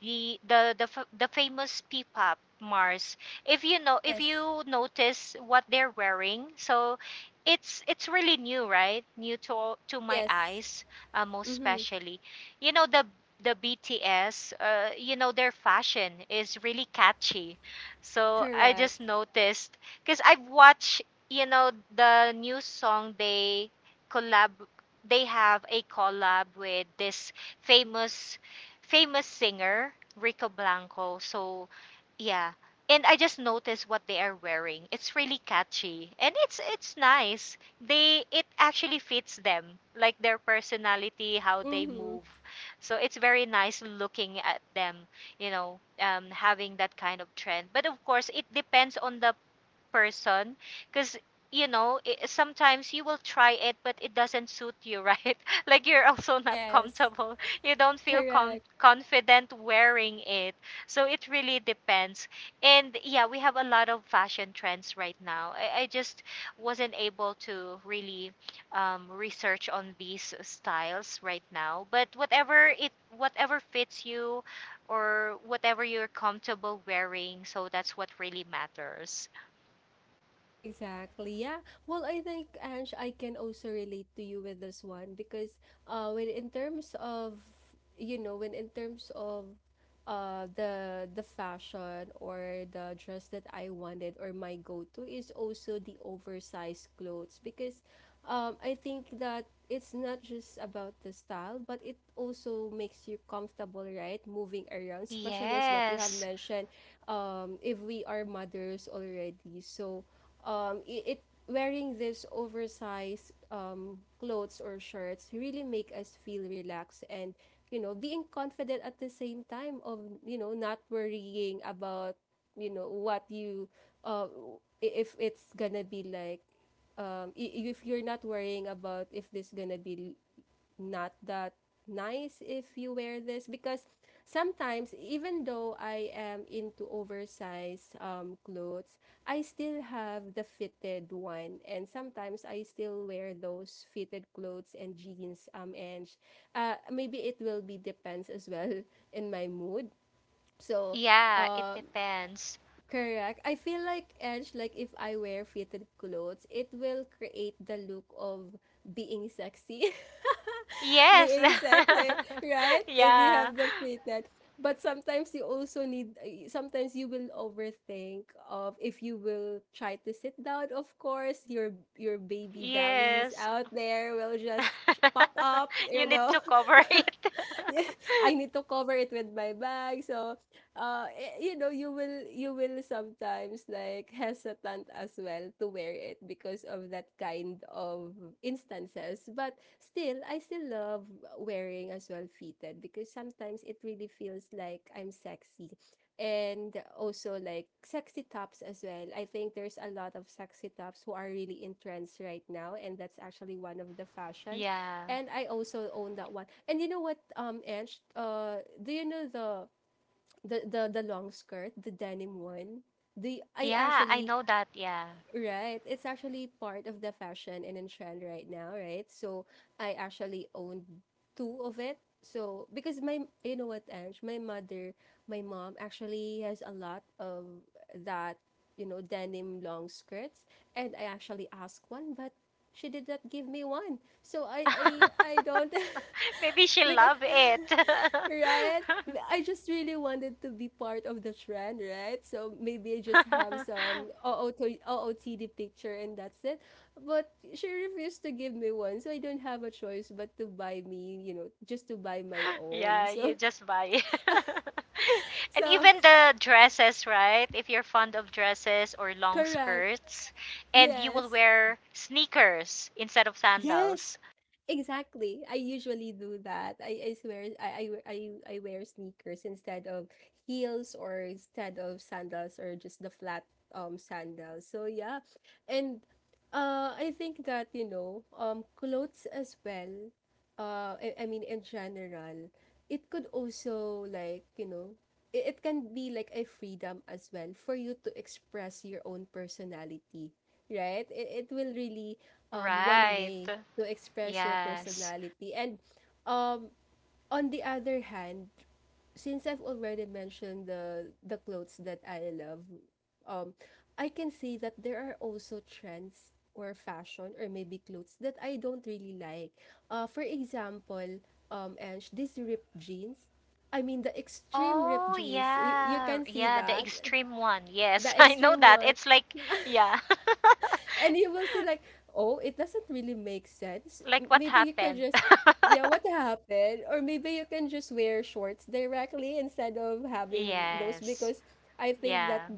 Speaker 2: the the the f- the famous P-pop, Mars. If you know, if
Speaker 1: Yes.
Speaker 2: you notice what they're wearing, so it's it's really new, right? New to all- to my
Speaker 1: Yes.
Speaker 2: eyes, uh, most
Speaker 1: Mm-hmm.
Speaker 2: especially. You know the the B T S, uh, you know their fashion is really catchy. So I just
Speaker 1: Correct.
Speaker 2: noticed because I've watched, you know, the new song they collab they have a collab with this famous famous singer, Rico Blanco. So, yeah. And I just noticed what they are wearing. It's really catchy, and it's it's nice. They it actually fits them, like their personality, how they
Speaker 1: Mm-hmm.
Speaker 2: move. So it's very nice looking at them, you know, um, having that kind of trend. But of course, it depends on the person because, you know, I sometimes you will try it, but it doesn't suit you, right? Like, you're also not
Speaker 1: Yes.
Speaker 2: comfortable, you don't feel com-
Speaker 1: Correct.
Speaker 2: confident wearing it. So it really depends. And yeah, we have a lot of fashion trends right now. I, I just wasn't able to really um, research on these styles right now, but whatever it whatever fits you or whatever you're comfortable wearing, so that's what really matters.
Speaker 1: Exactly. Yeah. Well, I think, Ange, I can also relate to you with this one, because uh when in terms of, you know, when in terms of uh the the fashion or the dress that I wanted, or my go-to is also the oversized clothes. Because um I think that it's not just about the style, but it also makes you comfortable, right? Moving around, especially as what you have
Speaker 2: Yes.
Speaker 1: mentioned, um if we are mothers already. So um, I- it wearing this oversized, um, clothes or shirts really make us feel relaxed, and, you know, being confident at the same time of, you know, not worrying about, you know, what you, uh, if it's gonna be like, um, i- if you're not worrying about if this gonna be not that nice if you wear this. Because sometimes even though I am into oversized, um, clothes, I still have the fitted one, and sometimes I still wear those fitted clothes and jeans, um and sh- uh maybe it will be depends as well in my mood. So
Speaker 2: Yeah, it
Speaker 1: um
Speaker 2: depends.
Speaker 1: correct. I feel like edge, like if I wear fitted clothes, it will create the look of being sexy.
Speaker 2: Yes.
Speaker 1: Being sexy, right? If you
Speaker 2: yeah.
Speaker 1: have the fitness. But sometimes you also need, uh, sometimes you will overthink of if you will try to sit down, of course, your your baby bellies
Speaker 2: Yes.
Speaker 1: out there will just pop up,
Speaker 2: You
Speaker 1: you
Speaker 2: need
Speaker 1: know.
Speaker 2: to cover it.
Speaker 1: I need to cover it with my bag. So, uh, eh, you know, you will you will sometimes like hesitant as well to wear it because of that kind of instances. But still, I still love wearing as well fitted because sometimes it really feels like I'm sexy. And also like sexy tops as well. I think there's a lot of sexy tops who are really in trends right now, and that's actually one of the fashion
Speaker 2: Yeah.
Speaker 1: and I also own that one. And you know what, um, Ange, uh, do you know the the the, the long skirt, the denim one? The I
Speaker 2: Yeah, I
Speaker 1: actually
Speaker 2: know that. Yeah.
Speaker 1: Right. It's actually part of the fashion and in trend right now, right? So I actually owned two of it. So because my, you know what, Ange, my mother, my mom actually has a lot of that, you know, denim long skirts. And I actually asked one, but she did not give me one. So I I I don't.
Speaker 2: Maybe she
Speaker 1: Because,
Speaker 2: love it.
Speaker 1: right? I just really wanted to be part of the trend, right? So maybe I just have some OOT O O T D picture and that's it. But she refused to give me one, so I don't have a choice but to buy me, you know, just to buy my own.
Speaker 2: Yeah, you
Speaker 1: So,
Speaker 2: just buy. And
Speaker 1: so
Speaker 2: even the dresses, right? If you're fond of dresses or long
Speaker 1: correct.
Speaker 2: skirts, and you will
Speaker 1: Yes.
Speaker 2: wear sneakers instead of sandals.
Speaker 1: Yes, exactly. I usually do that. I, I swear, I, I I I wear sneakers instead of heels or instead of sandals or just the flat um sandals. So yeah. And uh I think that, you know, um clothes as well. uh, I, I mean, in general, it could also, like, you know, it, it can be like a freedom as well for you to express your own personality, right? It, it will really, um, one
Speaker 2: Right.
Speaker 1: way to express your
Speaker 2: Yes.
Speaker 1: personality. And um, on the other hand, since I've already mentioned the the clothes that I love, um, I can see that there are also trends or fashion or maybe clothes that I don't really like. Uh, for example, um, and these ripped jeans. I mean, the extreme ripped
Speaker 2: Oh,
Speaker 1: jeans. Y- you
Speaker 2: yeah.
Speaker 1: can see
Speaker 2: Yeah, the
Speaker 1: that
Speaker 2: extreme one.
Speaker 1: the
Speaker 2: Yes, I know
Speaker 1: extreme
Speaker 2: that.
Speaker 1: one
Speaker 2: It's like, yeah,
Speaker 1: and you will see like, oh, it doesn't really make sense.
Speaker 2: like
Speaker 1: M-
Speaker 2: what
Speaker 1: maybe you could
Speaker 2: happened.
Speaker 1: just, yeah, what happened, or maybe you can just wear shorts directly instead of having those.
Speaker 2: Yes.
Speaker 1: Because I think that
Speaker 2: Yeah.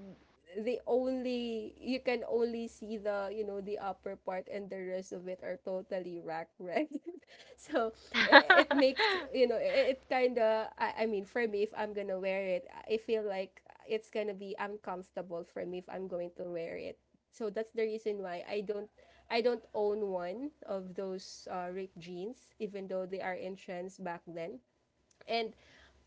Speaker 1: the only, you can only see the, you know, the upper part and the rest of it are totally rack, right? So i- it makes, you know, i- it kind of, I, I mean for me, if I'm gonna wear it, I feel like it's gonna be uncomfortable for me if I'm going to wear it, so that's the reason why I don't I don't own one of those uh, ripped jeans, even though they are in trends back then. And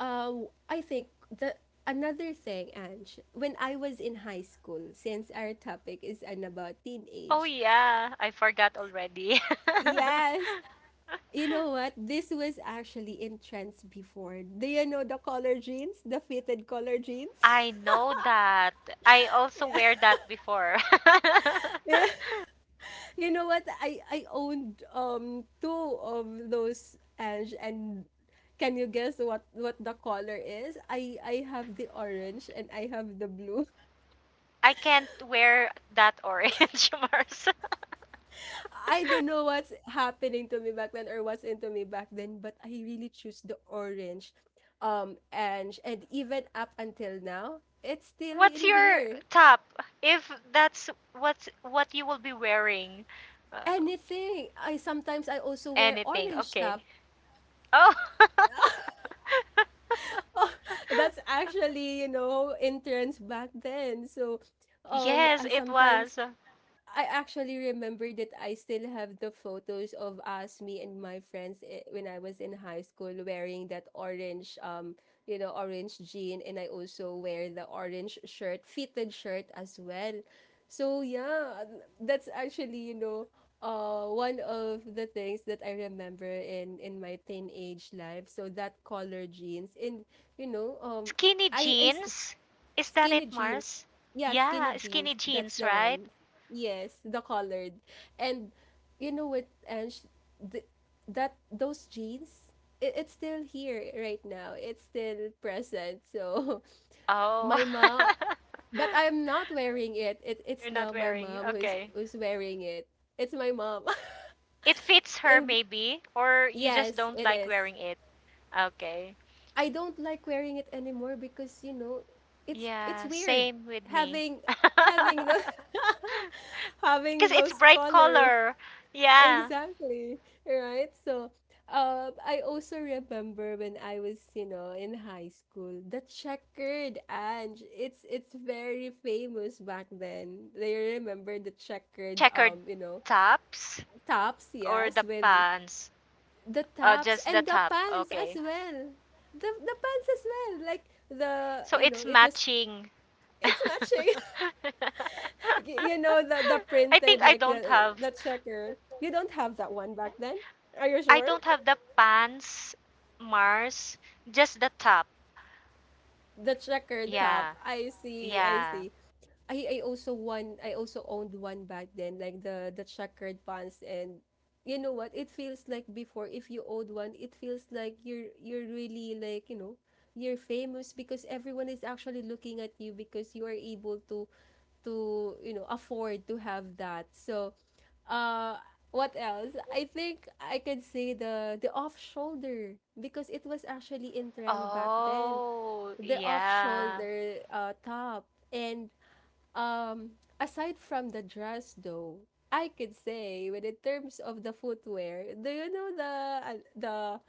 Speaker 1: uh, I think the another thing, Ange, when I was in high school, since our topic is an about
Speaker 2: Oh
Speaker 1: teenage,
Speaker 2: yeah, I forgot already.
Speaker 1: yes, you know what? This was actually in trends before. Do you know the collar jeans, the fitted collar jeans?
Speaker 2: I know that. I also wear that before.
Speaker 1: You know what? I I owned um two of those, Ange, and can you guess what what the color is? I I have the orange and I have the blue.
Speaker 2: I can't wear that orange, Mars.
Speaker 1: I don't know what's happening to me back then or what's into me back then, but I really choose the orange um Ange and even up until now, it's still
Speaker 2: What's
Speaker 1: in
Speaker 2: your
Speaker 1: here.
Speaker 2: top? If that's what's what you will be wearing, uh,
Speaker 1: Anything. I sometimes I also wear
Speaker 2: anything.
Speaker 1: orange top.
Speaker 2: Okay. Oh,
Speaker 1: That's actually, you know, interns back then, so um
Speaker 2: yes,
Speaker 1: I
Speaker 2: it
Speaker 1: sometimes
Speaker 2: was.
Speaker 1: I actually remember that I still have the photos of us, me and my friends, eh, when I was in high school wearing that orange, um, you know, orange jean, and I also wear the orange shirt, fitted shirt as well. So yeah, that's actually, you know, uh, one of the things that I remember in in my teenage life. So that color jeans, and you know, um,
Speaker 2: Skinny
Speaker 1: I, I s-
Speaker 2: jeans? Is that it,
Speaker 1: skinny jeans.
Speaker 2: Mars?
Speaker 1: Yeah, skinny
Speaker 2: Yeah, skinny
Speaker 1: jeans. That's
Speaker 2: jeans,
Speaker 1: the
Speaker 2: right?
Speaker 1: one. Yes, the colored. And you know what, Ange, th that those jeans, it, it's still here right now. It's still present. So
Speaker 2: Oh.
Speaker 1: my mom, but I'm not wearing it. It it's
Speaker 2: You're not
Speaker 1: now my
Speaker 2: wearing.
Speaker 1: mom who's
Speaker 2: Okay.
Speaker 1: who's wearing it. It's my mom.
Speaker 2: It fits her,
Speaker 1: And
Speaker 2: maybe, or you just
Speaker 1: yes,
Speaker 2: don't
Speaker 1: it
Speaker 2: like
Speaker 1: is.
Speaker 2: wearing it. Okay.
Speaker 1: I don't like wearing it anymore, because, you know, it's it's
Speaker 2: Yeah,
Speaker 1: weird
Speaker 2: same with me.
Speaker 1: having having the having
Speaker 2: Because it's
Speaker 1: those
Speaker 2: bright
Speaker 1: colors.
Speaker 2: color. Yeah.
Speaker 1: Exactly. Right. So uh, I also remember when I was, you know, in high school, the checkered, and it's it's very famous back then. They remember the
Speaker 2: The
Speaker 1: checkered
Speaker 2: checkered
Speaker 1: um you know
Speaker 2: tops
Speaker 1: tops,
Speaker 2: or
Speaker 1: yes,
Speaker 2: the
Speaker 1: with
Speaker 2: pants?
Speaker 1: the
Speaker 2: Oh,
Speaker 1: tops
Speaker 2: just the
Speaker 1: and the
Speaker 2: top.
Speaker 1: pants as
Speaker 2: Okay.
Speaker 1: well. The the pants as well. Like the,
Speaker 2: So
Speaker 1: you know,
Speaker 2: it's
Speaker 1: it was,
Speaker 2: matching. I
Speaker 1: it's matching. Y- you know, the the
Speaker 2: think
Speaker 1: printed
Speaker 2: I
Speaker 1: like
Speaker 2: don't
Speaker 1: the
Speaker 2: have.
Speaker 1: the checkered. You don't have that one back then. Are you
Speaker 2: I
Speaker 1: sure?
Speaker 2: don't have the pants, Mars, just the top.
Speaker 1: The checkered top.
Speaker 2: Yeah,
Speaker 1: I see. I
Speaker 2: yeah.
Speaker 1: see. I I also won I also owned one back then, like the the checkered pants, and you know what, it feels like before, if you owned one, it feels like you're you're really like, you know, you're famous, because everyone is actually looking at you, because you are able to to you know, afford to have that. So uh what else? I think I could say the the off shoulder, because it was actually in trend back then,
Speaker 2: Oh,
Speaker 1: the off
Speaker 2: yeah.
Speaker 1: shoulder uh top. And um, aside from the dress though, I could say, when in terms of the footwear, do you know the uh, the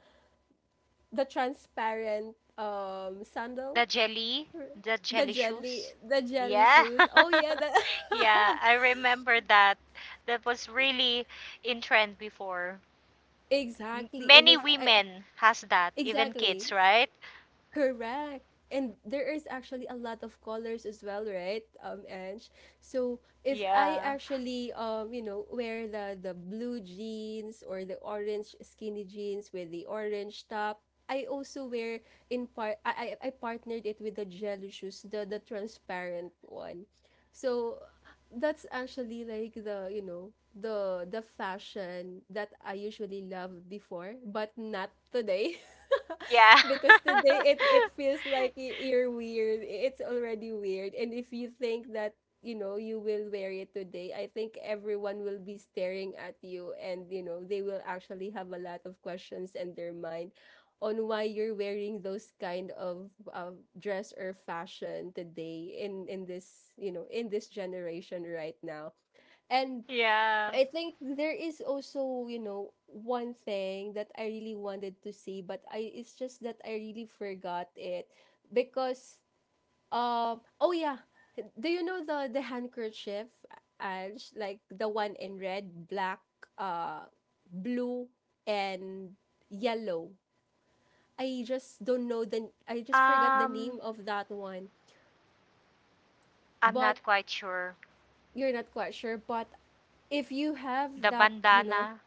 Speaker 1: the transparent um sandal?
Speaker 2: The jelly, the
Speaker 1: The
Speaker 2: jelly
Speaker 1: jelly,
Speaker 2: shoes.
Speaker 1: the jelly
Speaker 2: Yeah,
Speaker 1: shoes. Oh yeah, the
Speaker 2: yeah. I remember that. That was really in trend before. M-
Speaker 1: exactly. And
Speaker 2: many
Speaker 1: if I
Speaker 2: women has that, even
Speaker 1: exactly.
Speaker 2: kids, right?
Speaker 1: Correct. And there is actually a lot of colors as well, right? Um, Ange. So if I
Speaker 2: Yeah,
Speaker 1: actually um, you know, wear the the blue jeans or the orange skinny jeans with the orange top, I also wear in part I I, I partnered it with the jelly shoes, the the transparent one. So that's actually like the, you know, the the fashion that I usually love before, but not today.
Speaker 2: yeah,
Speaker 1: Because today it it feels like y- you're weird. It's already weird. And if you think that, you know, you will wear it today, I think everyone will be staring at you and, you know, they will actually have a lot of questions in their mind on why you're wearing those kind of uh, dress or fashion today in in this, you know, in this generation right now. And
Speaker 2: yeah.
Speaker 1: I think there is also, you know, one thing that I really wanted to say, but I it's just that I really forgot it because um oh yeah, do you know the the handkerchief, Ange? Like the one in red, black, uh, blue, and yellow. I just don't know the I just forgot the
Speaker 2: Um,
Speaker 1: name of that one.
Speaker 2: I'm
Speaker 1: But
Speaker 2: not quite sure.
Speaker 1: you're not quite sure. But if you have
Speaker 2: The
Speaker 1: that, you know,
Speaker 2: bandana.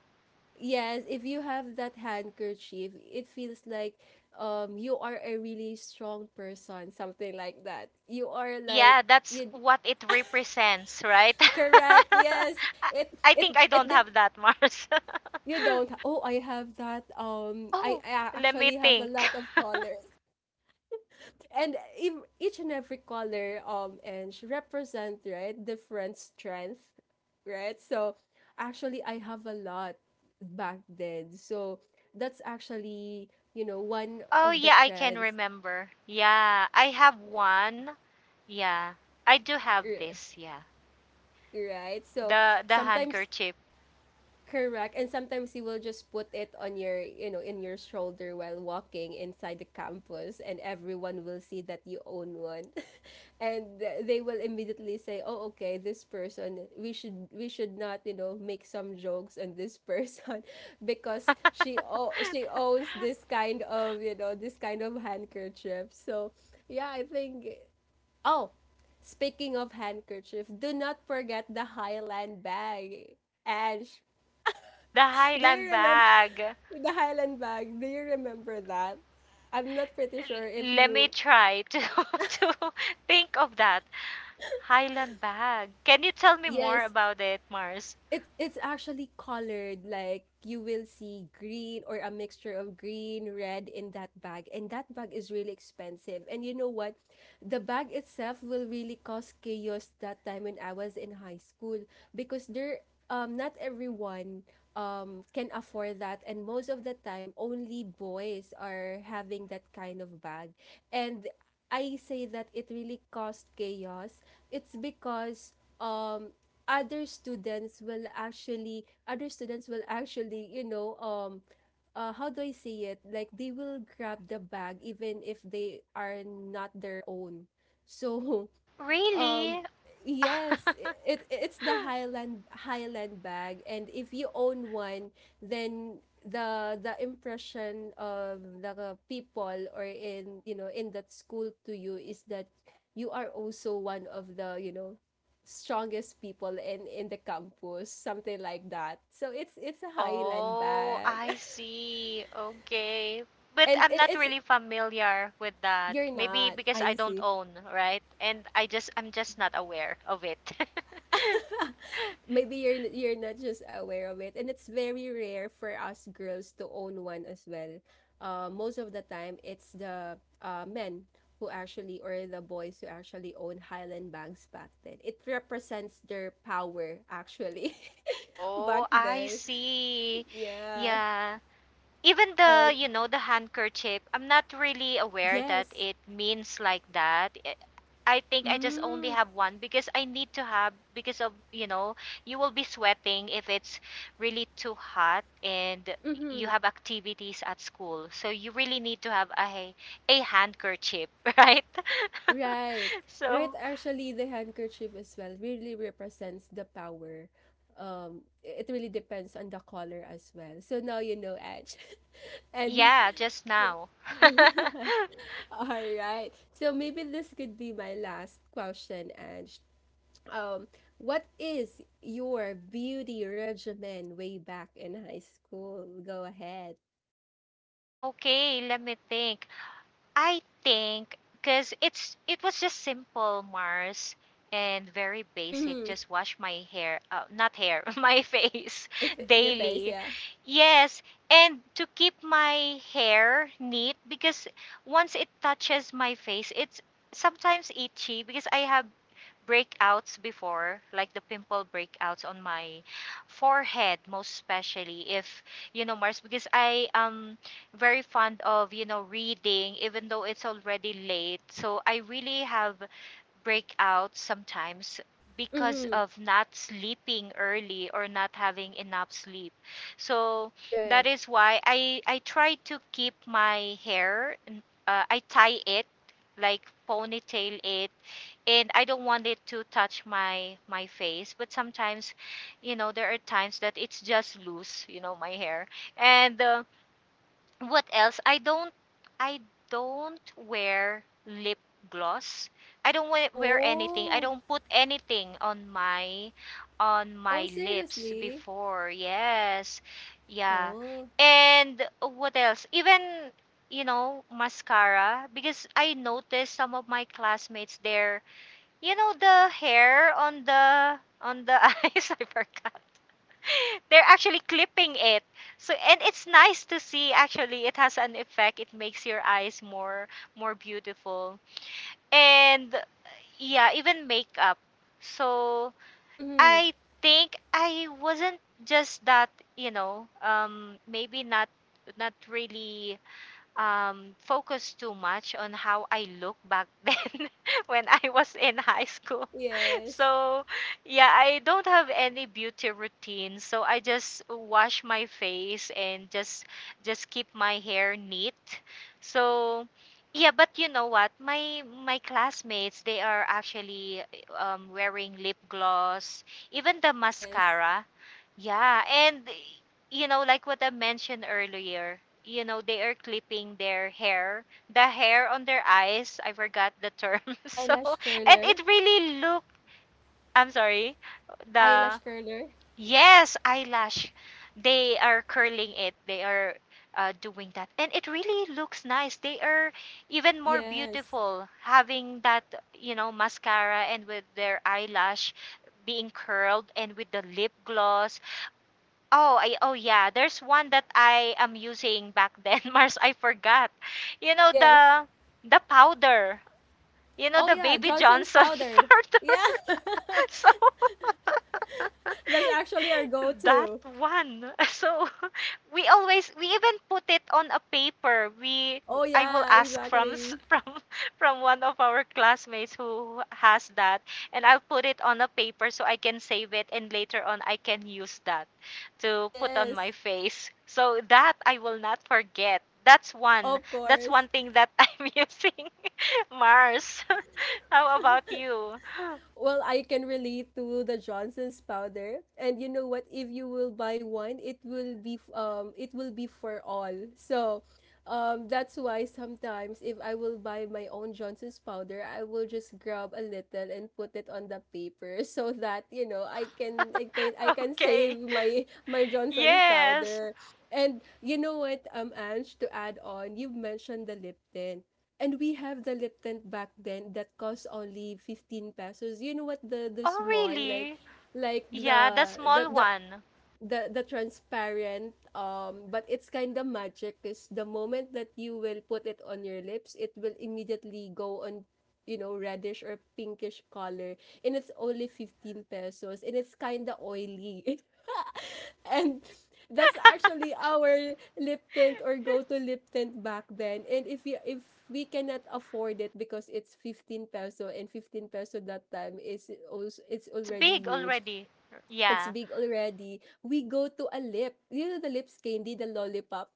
Speaker 1: yes, if you have that handkerchief, it feels like um you are a really strong person, something like that. You are like
Speaker 2: Yeah, that's
Speaker 1: you
Speaker 2: what it represents, right?
Speaker 1: correct.
Speaker 2: I
Speaker 1: Yes. It
Speaker 2: I
Speaker 1: it
Speaker 2: think I
Speaker 1: it
Speaker 2: don't
Speaker 1: dep-
Speaker 2: have that, Mars.
Speaker 1: you don't ha- oh I have that um I,
Speaker 2: Oh,
Speaker 1: I
Speaker 2: let me
Speaker 1: actually have a
Speaker 2: think.
Speaker 1: lot of colors. And ev- each and every color um and she represent, right, different strength, right? So actually I have a lot back then, so that's actually, you know, one
Speaker 2: Oh,
Speaker 1: of the
Speaker 2: yeah, I can
Speaker 1: trends.
Speaker 2: remember. Yeah, I have one. Yeah, I do have
Speaker 1: r-
Speaker 2: this. Yeah,
Speaker 1: right. So
Speaker 2: the the
Speaker 1: sometimes
Speaker 2: handkerchief,
Speaker 1: correct. And sometimes you will just put it on your, you know, in your shoulder while walking inside the campus, and everyone will see that you own one. And th- they will immediately say, "Oh, okay, this person, we should we should not, you know, make some jokes on this person because she
Speaker 2: the
Speaker 1: o- she owns this kind of, you know, this kind of handkerchief." So, yeah, I think, oh, speaking of handkerchief, do not forget the Highland bag. Ash, do
Speaker 2: Highland
Speaker 1: you remember
Speaker 2: bag. L-
Speaker 1: the Highland bag? Do you remember that? I'm not pretty sure if
Speaker 2: let me
Speaker 1: you
Speaker 2: try to to think of that Highland bag. Can you tell me more
Speaker 1: yes,
Speaker 2: about it, Mars?
Speaker 1: It it's actually colored, like you will see green or a mixture of green, red in that bag. And that bag is really expensive. And you know what? The bag itself will really cause chaos that time when I was in high school, because there um not everyone um can afford that, and most of the time only boys are having that kind of bag. And I say that it really caused chaos. It's because um other students will actually other students will actually, you know, um uh, how do I say it? Like they will grab the bag even if they are not their own. So
Speaker 2: Really?
Speaker 1: yes, i- it it's the Highland Highland bag, and if you own one, then the the impression of the people or in you know in that school to you is that you are also one of the, you know, strongest people in in the campus, something like that. So it's it's a Highland
Speaker 2: Oh,
Speaker 1: bag.
Speaker 2: I see. Okay. But
Speaker 1: And
Speaker 2: I'm
Speaker 1: it,
Speaker 2: not
Speaker 1: it's
Speaker 2: really familiar with that.
Speaker 1: you're
Speaker 2: Maybe
Speaker 1: not.
Speaker 2: because I
Speaker 1: I
Speaker 2: don't
Speaker 1: see.
Speaker 2: own, right? And I just I'm just not aware of it.
Speaker 1: Maybe you're n- you're not just aware of it, and it's very rare for us girls to own one as well. Uh, most of the time it's the uh, men who actually, or the boys who actually own highland banks back then. It represents their power actually. Back
Speaker 2: Oh, I
Speaker 1: then,
Speaker 2: see.
Speaker 1: yeah.
Speaker 2: Yeah. Even the,
Speaker 1: Oh,
Speaker 2: you know, the handkerchief, I'm not really aware that
Speaker 1: yes.
Speaker 2: it means like that. Eh, I think I just only
Speaker 1: mm,
Speaker 2: have one because I need to have, because of, you know, you will be sweating if it's really too hot, and you
Speaker 1: mm-hmm.
Speaker 2: have activities at school, so you really need to have a a handkerchief, right?
Speaker 1: Right. Right.
Speaker 2: So
Speaker 1: Actually, the handkerchief as well really represents the power. Um, it really depends on the color as well. So now you know, Edge. And
Speaker 2: yeah, just
Speaker 1: yeah.
Speaker 2: now.
Speaker 1: All right. So maybe this could be my last question, Edge. Um, what is your beauty regimen way back in high school? Go ahead.
Speaker 2: Okay, let me think. I think because it's it was just simple, Mars, and very basic.
Speaker 1: Mm-hmm.
Speaker 2: Just wash my hair, uh, not hair, my face
Speaker 1: My f- your face,
Speaker 2: daily.
Speaker 1: yeah.
Speaker 2: Yes, and to keep my hair neat, because once it touches my face, it's sometimes itchy because I have breakouts before, like the pimple breakouts on my forehead, most especially if, you know, Mars, because I am very fond of, you know, reading, even though it's already late. So I really have breakouts sometimes because
Speaker 1: Mm-hmm.
Speaker 2: of not sleeping early or not having enough sleep. So that
Speaker 1: Right.
Speaker 2: is why I I try to keep my hair. Uh, I tie it like ponytail it, and I don't want it to touch my my face, but sometimes, you know, there are times that it's just loose, you know, my hair. And uh, what else? I don't I don't wear lip gloss. I don't wear, wear anything. I
Speaker 1: Oh.
Speaker 2: don't put anything on my on my
Speaker 1: Oh,
Speaker 2: lips
Speaker 1: seriously?
Speaker 2: before, yes. Yeah.
Speaker 1: Oh.
Speaker 2: And what else, even, you know, mascara, because I noticed some of my classmates there, you know, the hair on the on the eyes, I forgot. They're actually clipping it. So and it's nice to see, actually. It has an effect. It makes your eyes more more beautiful. And yeah, even makeup. So
Speaker 1: Mm-hmm.
Speaker 2: I think I wasn't just that, you know, um, maybe not not really um, focused too much on how I look back then when I was in high school.
Speaker 1: Yes.
Speaker 2: So, yeah, I don't have any beauty routine. So I just wash my face and just just keep my hair neat. So, yeah, but you know what? My my classmates, they are actually um, wearing lip gloss, even the
Speaker 1: Yes.
Speaker 2: mascara. Yeah. And you know, like what I mentioned earlier, you know, they are clipping their hair, the hair on their eyes. I forgot the term. So,
Speaker 1: Eyelash
Speaker 2: and it
Speaker 1: curler.
Speaker 2: really look I'm sorry. The
Speaker 1: Eyelash curler.
Speaker 2: yes, eyelash. They are curling it. They are uh, doing that, and it really looks nice. They are
Speaker 1: Oh,
Speaker 2: even more
Speaker 1: yes.
Speaker 2: beautiful having that, you know, mascara and with their eyelash being curled and with the lip gloss. Oh, I oh yeah. There's one that I am using back then, Mars. I forgot. You know
Speaker 1: Yes.
Speaker 2: the the powder. You know
Speaker 1: Oh,
Speaker 2: the
Speaker 1: yeah.
Speaker 2: Baby
Speaker 1: Johnson's
Speaker 2: Johnson
Speaker 1: powder.
Speaker 2: powder.
Speaker 1: Yeah.
Speaker 2: So
Speaker 1: That's actually our
Speaker 2: that
Speaker 1: go-to.
Speaker 2: one. So we always we even put it on a paper. We
Speaker 1: Oh,
Speaker 2: I will
Speaker 1: yeah.
Speaker 2: ask from s-
Speaker 1: Exactly.
Speaker 2: from from one of our classmates who has that, and I'll put it on a paper so I can save it, and later on I can use that to put on
Speaker 1: Yes.
Speaker 2: my face, so that I will not forget. That's one.
Speaker 1: Of
Speaker 2: That's
Speaker 1: course.
Speaker 2: one thing that I'm using. Mars. How about you?
Speaker 1: Well, I can relate to the Johnson's powder. And you know what? If you will buy one, it will be f- um it will be for all. So, um, that's why sometimes if I will buy my own Johnson's powder, I will just grab a little and put it on the paper so that, you know, I can I can I can
Speaker 2: Okay.
Speaker 1: save my my Johnson's
Speaker 2: Yes.
Speaker 1: powder. And you know what, um, Ange, to add on, you've mentioned the Lipton. And we have the Lipton back then that cost only fifteen pesos. You know what, the the
Speaker 2: Oh,
Speaker 1: small, like
Speaker 2: really?
Speaker 1: like
Speaker 2: Yeah, the
Speaker 1: the the
Speaker 2: small
Speaker 1: the
Speaker 2: one.
Speaker 1: the, the transparent, um, but it's kind of magic, because the moment that you will put it on your lips, it will immediately go on, you know, reddish or pinkish color. And it's only fifteen pesos, and it's kind of oily. And that's actually our lip tint or go-to lip tint back then. And if you if we cannot afford it because it's fifteen peso, and fifteen peso that time is also, it's
Speaker 2: It's
Speaker 1: already
Speaker 2: big
Speaker 1: huge.
Speaker 2: already.
Speaker 1: It's
Speaker 2: Yeah.
Speaker 1: big already. We go to a lip. You know, the lips candy, the lollipop.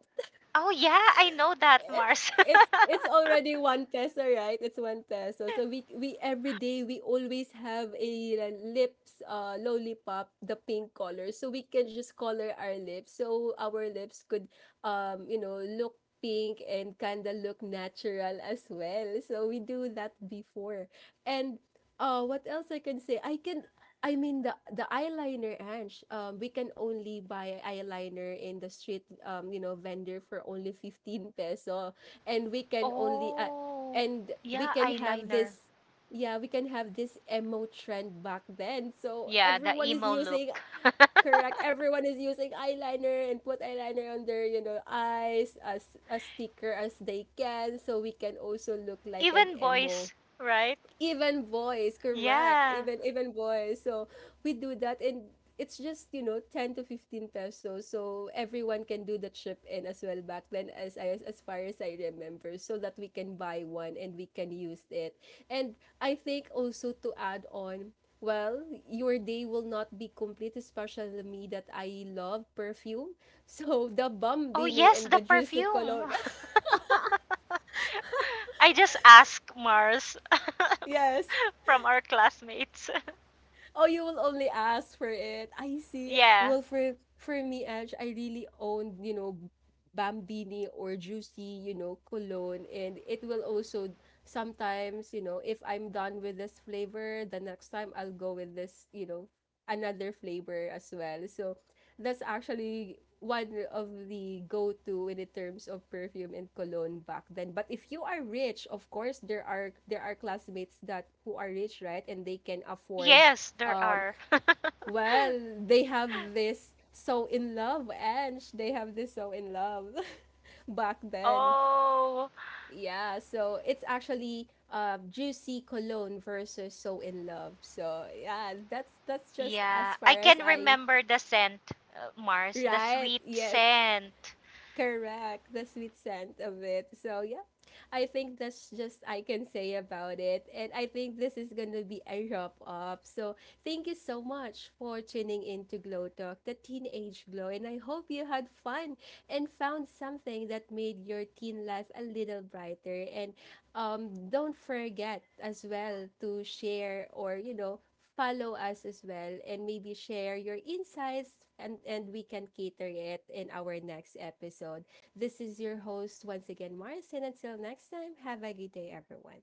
Speaker 2: Oh, yeah, I know that, Mars.
Speaker 1: it's it's already one peso, right? It's one peso. So we we every day we always have a uh, lips uh lollipop, the pink color, so we can just color our lips, so our lips could, um, you know, look pink and kinda look natural as well. So we do that before. And uh what else I can say? I can I mean the the eyeliner, Ange. Um, we can only buy eyeliner in the street, um, you know, vendor for only fifteen peso. and we can only uh,
Speaker 2: Oh,
Speaker 1: and we
Speaker 2: yeah,
Speaker 1: can have
Speaker 2: eyeliner.
Speaker 1: this, yeah, we can have this emo trend back then. So
Speaker 2: Yeah, the
Speaker 1: everyone is
Speaker 2: emo
Speaker 1: using,
Speaker 2: look.
Speaker 1: correct, everyone is using eyeliner and put eyeliner on their, you know, eyes as a sticker as they can, so we can also look like an
Speaker 2: Even
Speaker 1: emo.
Speaker 2: boys, right?
Speaker 1: Even boys, correct,
Speaker 2: Yeah.
Speaker 1: even even boys. So we do that. And it's just, you know, ten to fifteen pesos, so everyone can do the trip in as well back then, as I, as far as I remember, so that we can buy one and we can use it. And I think also, to add on, well, your day will not be complete, especially me, that I love perfume. So the
Speaker 2: Oh,
Speaker 1: bambini
Speaker 2: yes,
Speaker 1: and
Speaker 2: the
Speaker 1: the juicy
Speaker 2: perfume.
Speaker 1: cologne.
Speaker 2: I just asked, Mars,
Speaker 1: Yes.
Speaker 2: from our classmates.
Speaker 1: Oh, you will only ask for it. I see.
Speaker 2: Yeah.
Speaker 1: Well, for for me, Edge, I really owned, you know, Bambini or Juicy, you know, cologne. And it will also sometimes, you know, if I'm done with this flavor, the next time I'll go with this, you know, another flavor as well. So that's actually one of the go-to in the terms of perfume and cologne back then. But if you are rich, of course, there are there are classmates that, who are rich, right? And they can afford,
Speaker 2: Yes, there
Speaker 1: um,
Speaker 2: are.
Speaker 1: well, they have this so in love and they have this so in love back then.
Speaker 2: Oh.
Speaker 1: Yeah, so it's actually, uh, juicy cologne versus so in love. So yeah, that's that's just,
Speaker 2: Yeah,
Speaker 1: as
Speaker 2: I
Speaker 1: far as
Speaker 2: can
Speaker 1: I—
Speaker 2: remember the scent, uh, Mars, the
Speaker 1: Right.
Speaker 2: sweet
Speaker 1: Yes.
Speaker 2: scent.
Speaker 1: Correct. The sweet scent of it. So yeah, I think that's just I can say about it. And I think this is gonna be a wrap up. So thank you so much for tuning in to Glow Talk, the teenage glow. And I hope you had fun and found something that made your teen life a little brighter. And, um, don't forget as well to share, or you know, follow us as well, and maybe share your insights, and and we can cater it in our next episode. This is your host once again, Mars, and until next time, have a good day, everyone.